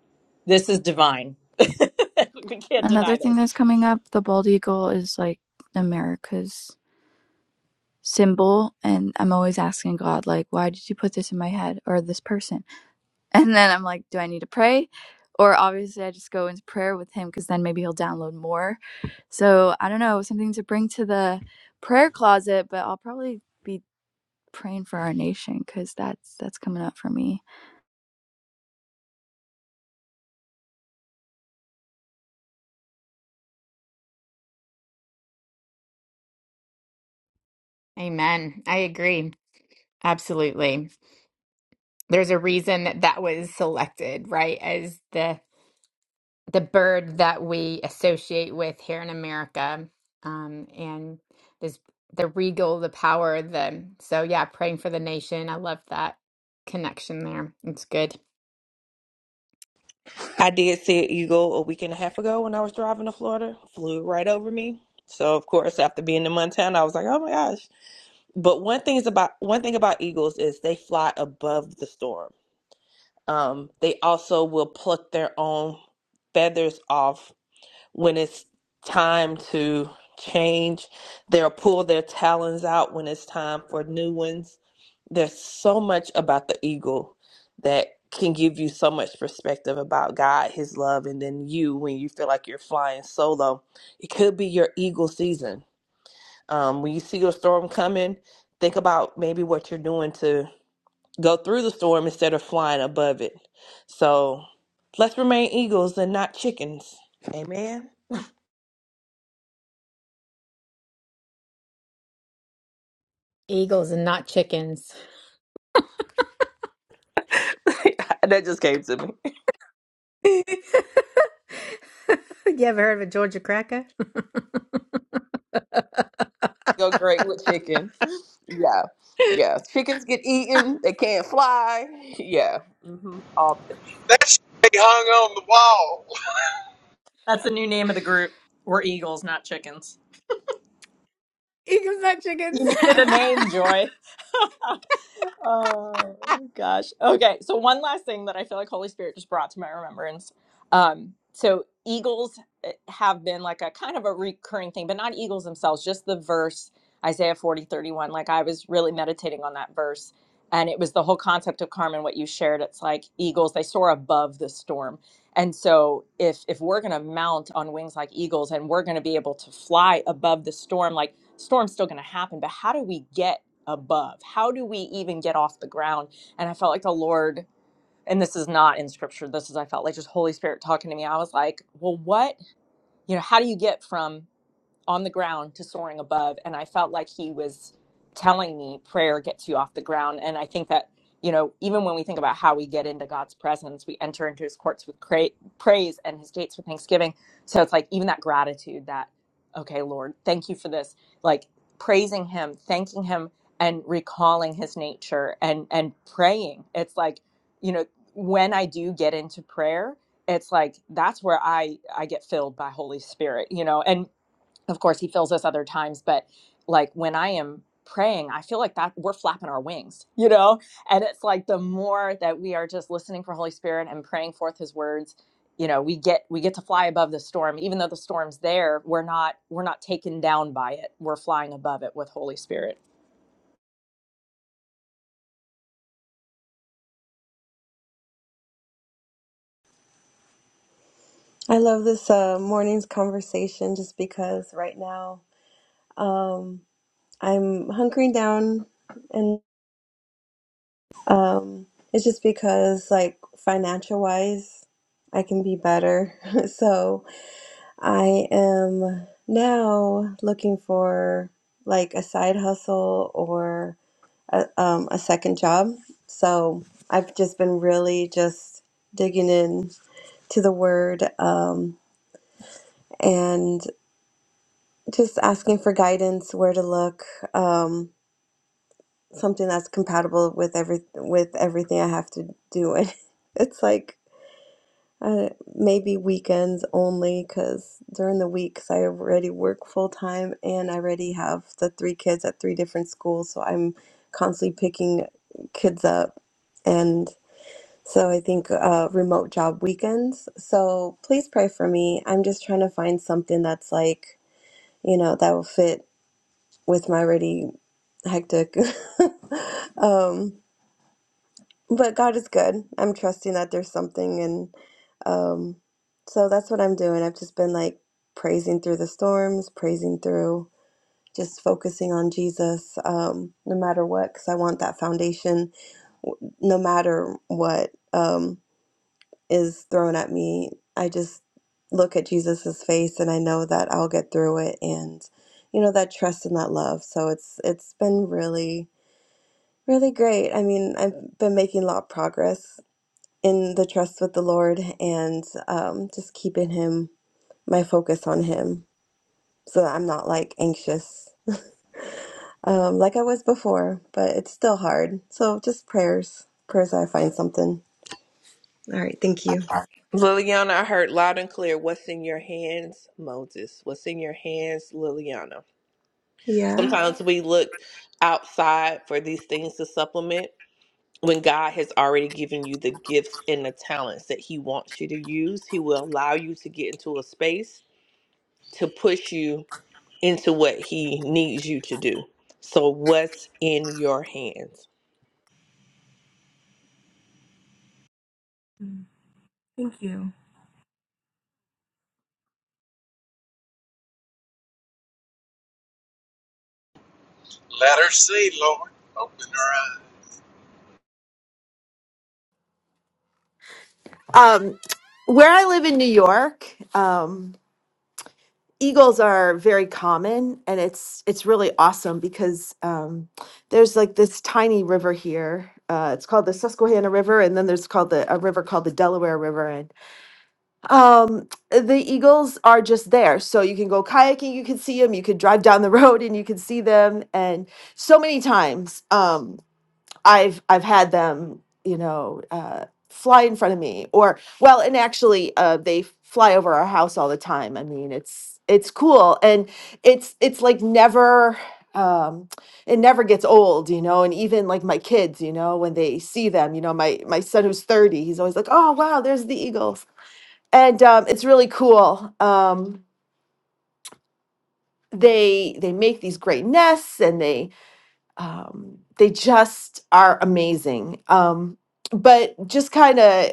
Speaker 3: this is divine. [laughs] we can't
Speaker 7: Another
Speaker 3: deny
Speaker 7: thing
Speaker 3: this.
Speaker 7: that's coming up, the bald eagle is like America's symbol and I'm always asking God like, why did you put this in my head or this person? And then I'm like, do I need to pray? Or obviously, I just go into prayer with him because then maybe he'll download more. So I don't know, something to bring to the prayer closet, but I'll probably be praying for our nation because that's that's coming up for me.
Speaker 1: Amen. I agree. Absolutely. There's a reason that that was selected, right? As the the bird that we associate with here in America. Um, and this the regal, the power, the so yeah, praying for the nation. I love that connection there. It's good.
Speaker 5: I did see an eagle a week and a half ago when I was driving to Florida. Flew right over me. So of course, after being in Montana, I was like, "Oh my gosh!" But one thing is about one thing about eagles is they fly above the storm. Um, they also will pluck their own feathers off when it's time to change. They'll pull their talons out when it's time for new ones. There's so much about the eagle that can give you so much perspective about God, His love, and then you when you feel like you're flying solo. It could be your eagle season. Um, when you see a storm coming, think about maybe what you're doing to go through the storm instead of flying above it. So let's remain eagles and not chickens. Amen.
Speaker 1: Eagles and not chickens.
Speaker 5: [laughs] that just came to me.
Speaker 1: [laughs] you ever heard of a Georgia cracker? [laughs]
Speaker 5: Go great with chicken. Yeah. Yeah. Chickens get eaten. They can't fly. Yeah. hmm All the things.
Speaker 2: That should be hung on the wall.
Speaker 3: That's the new name of the group. We're eagles, not chickens.
Speaker 1: Eating my chickens.
Speaker 3: You needed a name, Joy. [laughs] Oh gosh. Okay, so one last thing that I feel like Holy Spirit just brought to my remembrance. Um, so eagles eh, have been like a kind of a recurring thing, but not eagles themselves, just the verse Isaiah 40 31. Like I was really meditating on that verse. And it was the whole concept of Carmen, what you shared. It's like eagles, they soar above the storm. And so if if we're gonna mount on wings like eagles and we're gonna be able to fly above the storm, like storm's still gonna happen, but how do we get above? How do we even get off the ground? And I felt like the Lord, and this is not in scripture, this is, I felt like just Holy Spirit talking to me. I was like, well, what, you know, how do you get from on the ground to soaring above. And I felt like he was telling me prayer gets you off the ground. And I think that, you know, even when we think about how we get into God's presence, we enter into his courts with cra- praise and his gates with thanksgiving. So it's like even that gratitude that, okay, Lord, thank you for this. Like praising him, thanking him and recalling his nature and and praying. It's like, you know, when I do get into prayer, it's like that's where I I get filled by Holy Spirit, you know. And of course he fills us other times but like when i am praying i feel like that we're flapping our wings you know and it's like the more that we are just listening for holy spirit and praying forth his words you know we get we get to fly above the storm even though the storm's there we're not we're not taken down by it we're flying above it with holy spirit
Speaker 4: I love this uh, morning's conversation just because right now um, I'm hunkering down, and um, it's just because, like, financial wise, I can be better. [laughs] so I am now looking for like a side hustle or a, um, a second job. So I've just been really just digging in to the word. Um, and just asking for guidance where to look um something that's compatible with every with everything i have to do [laughs] and it's like uh, maybe weekends only because during the week 'cause i already work full-time and i already have the three kids at three different schools so i'm constantly picking kids up and so i think uh, remote job weekends so please pray for me i'm just trying to find something that's like you know that will fit with my already hectic. [laughs] um, but God is good. I'm trusting that there's something, and um, so that's what I'm doing. I've just been like praising through the storms, praising through, just focusing on Jesus, um, no matter what, because I want that foundation, w- no matter what um, is thrown at me. I just look at Jesus's face, and I know that I'll get through it, and you know that trust and that love. So it's it's been really Really great. I mean, I've been making a lot of progress in the trust with the Lord and um, just keeping Him, my focus on Him, so that I'm not like anxious um, like I was before, but it's still hard. So just prayers, prayers that I find something. All right. Thank you.
Speaker 5: Liliana, I heard loud and clear. What's in your hands, Moses? What's in your hands, Liliana?
Speaker 4: Yeah.
Speaker 5: Sometimes we look outside for these things to supplement when God has already given you the gifts and the talents that He wants you to use. He will allow you to get into a space to push you into what he needs you to do. So what's in your hands?
Speaker 4: Mm, Thank you.
Speaker 2: Let her see, Lord. Open her
Speaker 10: Um, where I live in New York, um, eagles are very common, and it's it's really awesome because um, there's like this tiny river here. Uh, it's called the Susquehanna River, and then there's called the a river called the Delaware River, and um, the eagles are just there. So you can go kayaking, you can see them, you could drive down the [laughs] road, and you can see them, and so many times. Um, I've I've had them, you know, uh, fly in front of me, or well, and actually, uh, they fly over our house all the time. I mean, it's it's cool, and it's it's like never. Um, it never gets old, you know, and even like my kids, you know, when they see them, you know, my my son who's 30, he's always like, "Oh, wow, there's the eagles." And um it's really cool. Um they they make these great nests and they um, they just are amazing. Um, but just kind of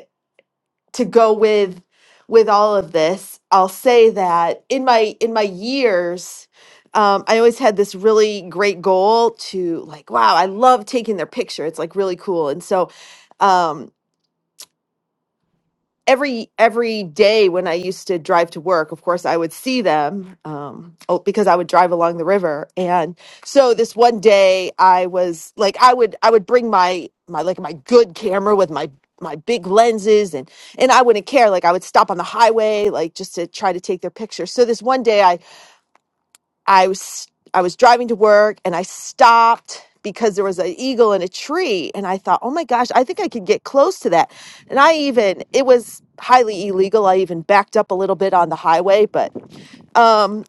Speaker 10: to go with with all of this, I'll say that in my in my years, um, I always had this really great goal to like, wow, I love taking their picture. It's like really cool, and so. Um, every every day when I used to drive to work, of course, I would see them um, oh, because I would drive along the river. And so this one day, I was like, I would I would bring my my like my good camera with my my big lenses and and I wouldn't care like I would stop on the highway like just to try to take their picture. So this one day I I was I was driving to work and I stopped because there was an eagle in a tree and I thought, "Oh my gosh, I think I could get close to that." And I even it was highly illegal. I even backed up a little bit on the highway, but um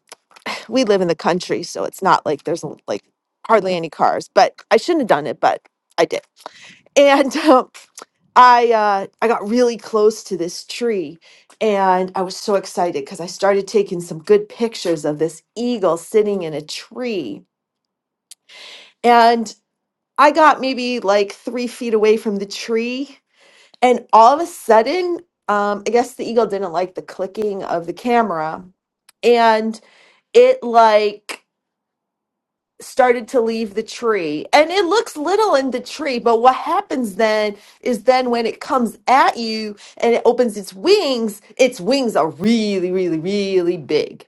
Speaker 10: we live in the country, so it's not like there's like hardly any cars, but I shouldn't have done it, but I did and um, I uh, I got really close to this tree, and I was so excited because I started taking some good pictures of this eagle sitting in a tree, and I got maybe like three feet away from the tree, and all of a sudden, um, I guess the eagle didn't like the clicking of the camera, and it like started to leave the tree and it looks little in the tree but what happens then is then when it comes at you and it opens its wings its wings are really really really big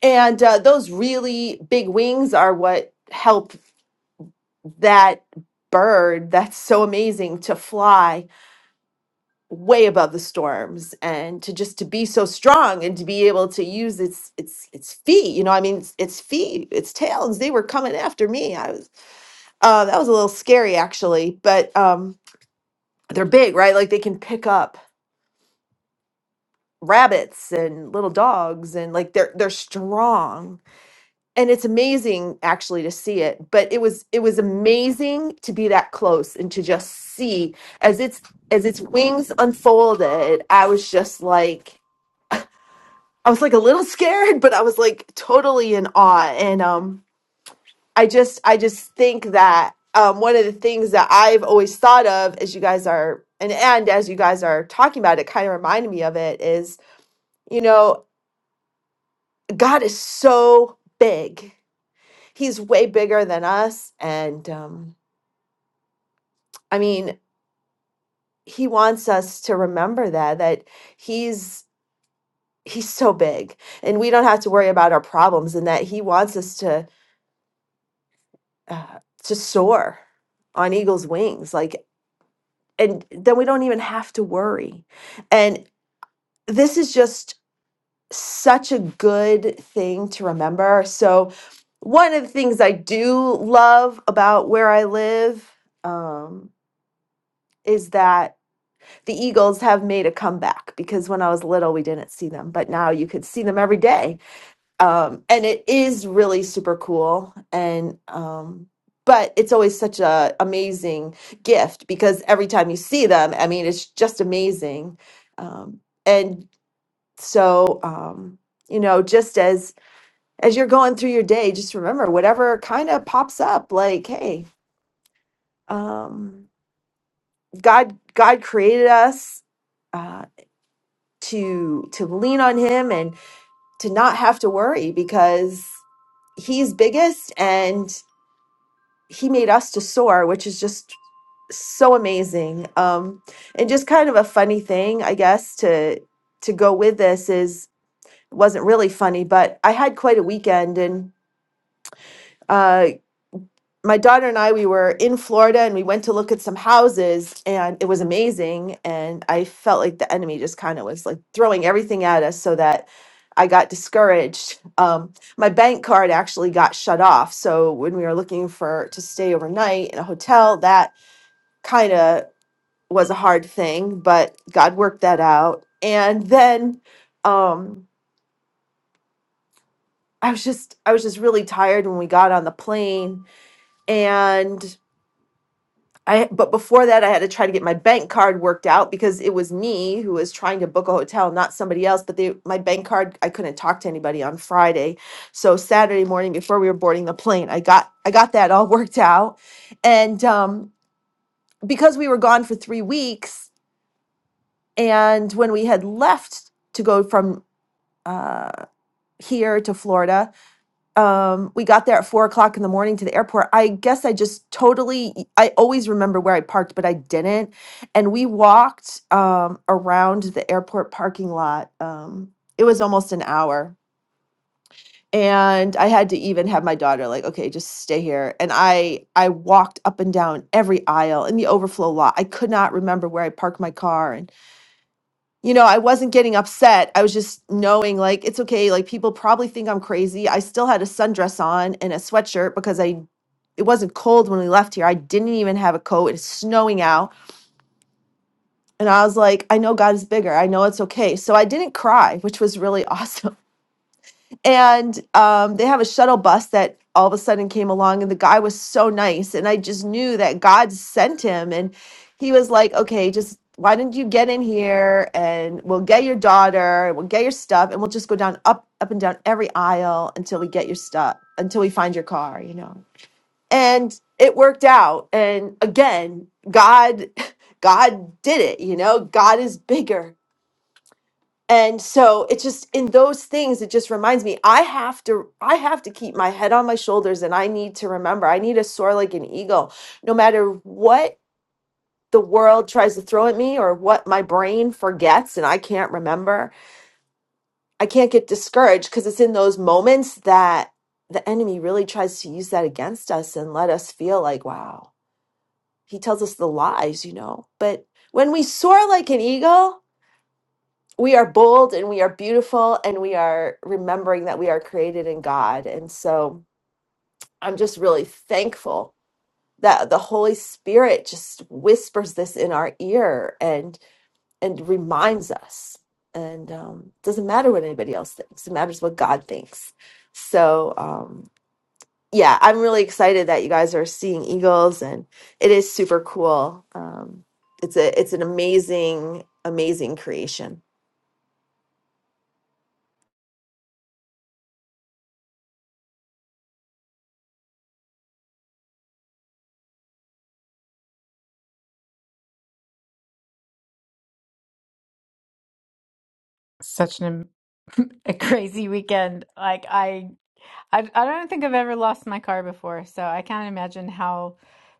Speaker 10: and uh, those really big wings are what help that bird that's so amazing to fly way above the storms and to just to be so strong and to be able to use its its its feet you know i mean its, its feet its tails they were coming after me i was uh, that was a little scary, actually, but um, they're big, right? Like they can pick up rabbits and little dogs, and like they're they're strong, and it's amazing actually to see it. But it was it was amazing to be that close and to just see as its as its wings unfolded. I was just like I was like a little [laughs] scared, but I was like totally in awe, and um, I just I just think that um, one of the things that I've always thought of as you guys are and and as you guys are talking about it, kind of reminded me of it is you know God is so big. He's way bigger than us, and um, I mean He wants us to remember that that He's He's so big, and we don't have to worry about our problems, and that He wants us to uh, to soar on eagle's wings. Like and then we don't even have to worry. And this is just such a good thing to remember. So, one of the things I do love about where I live um, is that the Eagles have made a comeback because when I was little, we didn't see them, but now you could see them every day um and it is really super cool and um but it's always such a amazing gift because every time you see them i mean it's just amazing um and so um you know just as as you're going through your day just remember whatever kind of pops up like hey um god god created us uh to to lean on him and to not have to worry because he's biggest and he made us to soar, which is just so amazing. Um, and just kind of a funny thing, I guess, to to go with this is wasn't really funny, but I had quite a weekend, and uh, my daughter and I we were in Florida, and we went to look at some houses, and it was amazing. And I felt like the enemy just kind of was like throwing everything at us, so that. I got discouraged. Um, my bank card actually got shut off. So when we were looking for to stay overnight in a hotel, that kind of was a hard thing, but God worked that out. And then um I was just I was just really tired when we got on the plane and I but before that I had to try to get my bank card worked out because it was me who was trying to book a hotel, not somebody else, but they my bank card I couldn't talk to anybody on Friday. So Saturday morning before we were boarding the plane, I got I got that all [laughs] worked out. And um because we were gone for 3 weeks, And when we had left to go from uh, here to Florida, um, we got there at four o'clock in the morning to the airport. I guess I just totally, I always remember where I parked, but I didn't. And we walked um, around the airport parking lot. Um, it was almost an hour. And I had to even have my daughter like, okay, just stay here. And I I walked up and down every aisle in the overflow lot. I could not remember where I parked my car, and. you know, I wasn't getting upset. I was just knowing like it's okay. Like people probably think I'm crazy. I still had a sundress on and a sweatshirt because I it wasn't cold when we left here. I didn't even have a coat. It's snowing out. And I was like, I know God is bigger. I know it's okay. So I didn't cry, which was really [laughs] awesome and um, they have a shuttle bus that all of a sudden came along and the guy was so nice and i just knew that god sent him and he was like okay just why didn't you get in here and we'll get your daughter and we'll get your stuff and we'll just go down up up and down every aisle until we get your stuff until we find your car you know and it worked out and again god [laughs] god did it you know god is bigger and so it's just in those things it just reminds me i have to i have to keep my head on my shoulders and i need to remember i need to soar like an eagle no matter what the world tries to throw at me or what my brain forgets and i can't remember i can't get discouraged because it's in those moments that the enemy really tries to use that against us and let us feel like wow he tells us the lies you know but when we soar like an eagle we are bold and we are beautiful and we are remembering that we are created in God. And so I'm just really thankful that the Holy Spirit just whispers this in our ear and and reminds us. And um, doesn't matter what anybody else thinks; it matters what God thinks. So um, yeah, I'm really excited that you guys are seeing eagles, and it is super cool. Um, it's a it's an amazing amazing creation.
Speaker 1: [laughs] Such an am- [laughs] a crazy weekend. Like I, I, I don't think I've ever lost my car before, so I can't imagine how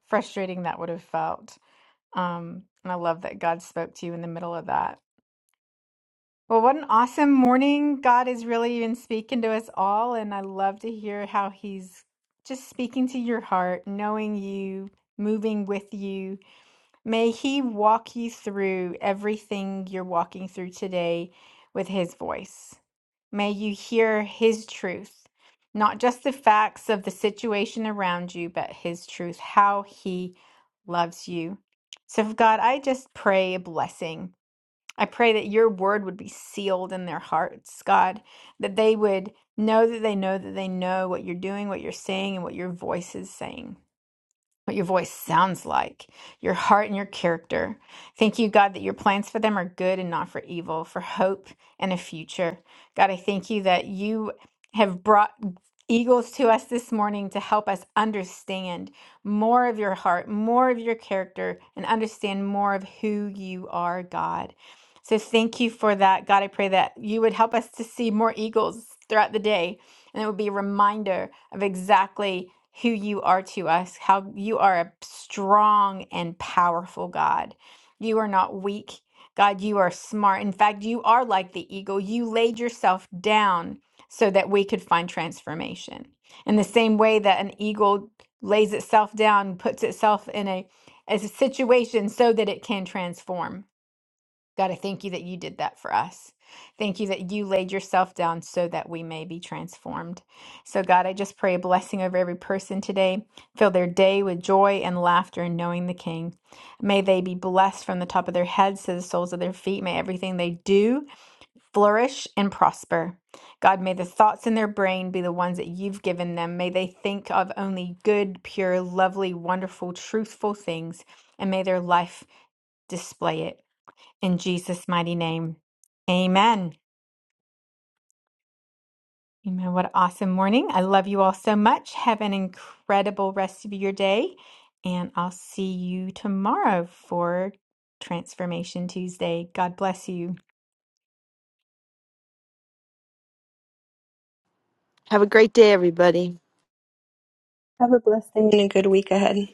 Speaker 1: frustrating that would have felt. Um, and I love that God spoke to you in the middle of that. Well, what an awesome morning. God is really even speaking to us all, and I love to hear how He's just speaking to your heart, knowing you, moving with you May He walk you through everything you're walking through today with His voice. May you hear His truth, not just the facts of the situation around you, but His truth, how He loves you. So, God, I just pray a blessing. I pray that your word would be sealed in their hearts, God, that they would know that they know that they know what you're doing, what you're saying, and what your voice is saying what your voice sounds like, your heart and your character. Thank you, God, that your plans for them are good and not for evil, for hope and a future. God, I thank you that you have brought eagles to us this morning to help us understand more of your heart, more of your character, and understand more of who you are, God. So thank you for that. God, I pray that you would help us to see more eagles throughout the day. And it would be a reminder of exactly who you are to us, how you are a strong and powerful God. You are not weak. God, you are smart. In fact, you are like the eagle. You laid yourself down so that we could find transformation. In the same way that an eagle lays itself down, puts itself in a, as a situation so that it can transform God, I thank you that you did that for us. Thank you that you laid yourself down so that we may be transformed. So, God, I just pray a blessing over every person today. Fill their day with joy and laughter in knowing the King. May they be blessed from the top of their heads to the soles of their feet. May everything they do flourish and prosper. God, may the thoughts in their brain be the ones that you've given them. May they think of only good, pure, lovely, wonderful, truthful things, and may their life display it. In Jesus' mighty name. Amen. Amen. What an awesome morning. I love you all so much. Have an incredible rest of your day. And I'll see you tomorrow for Transformation Tuesday. God bless you.
Speaker 10: Have a great day, everybody.
Speaker 4: Have a blessed day and a good week ahead.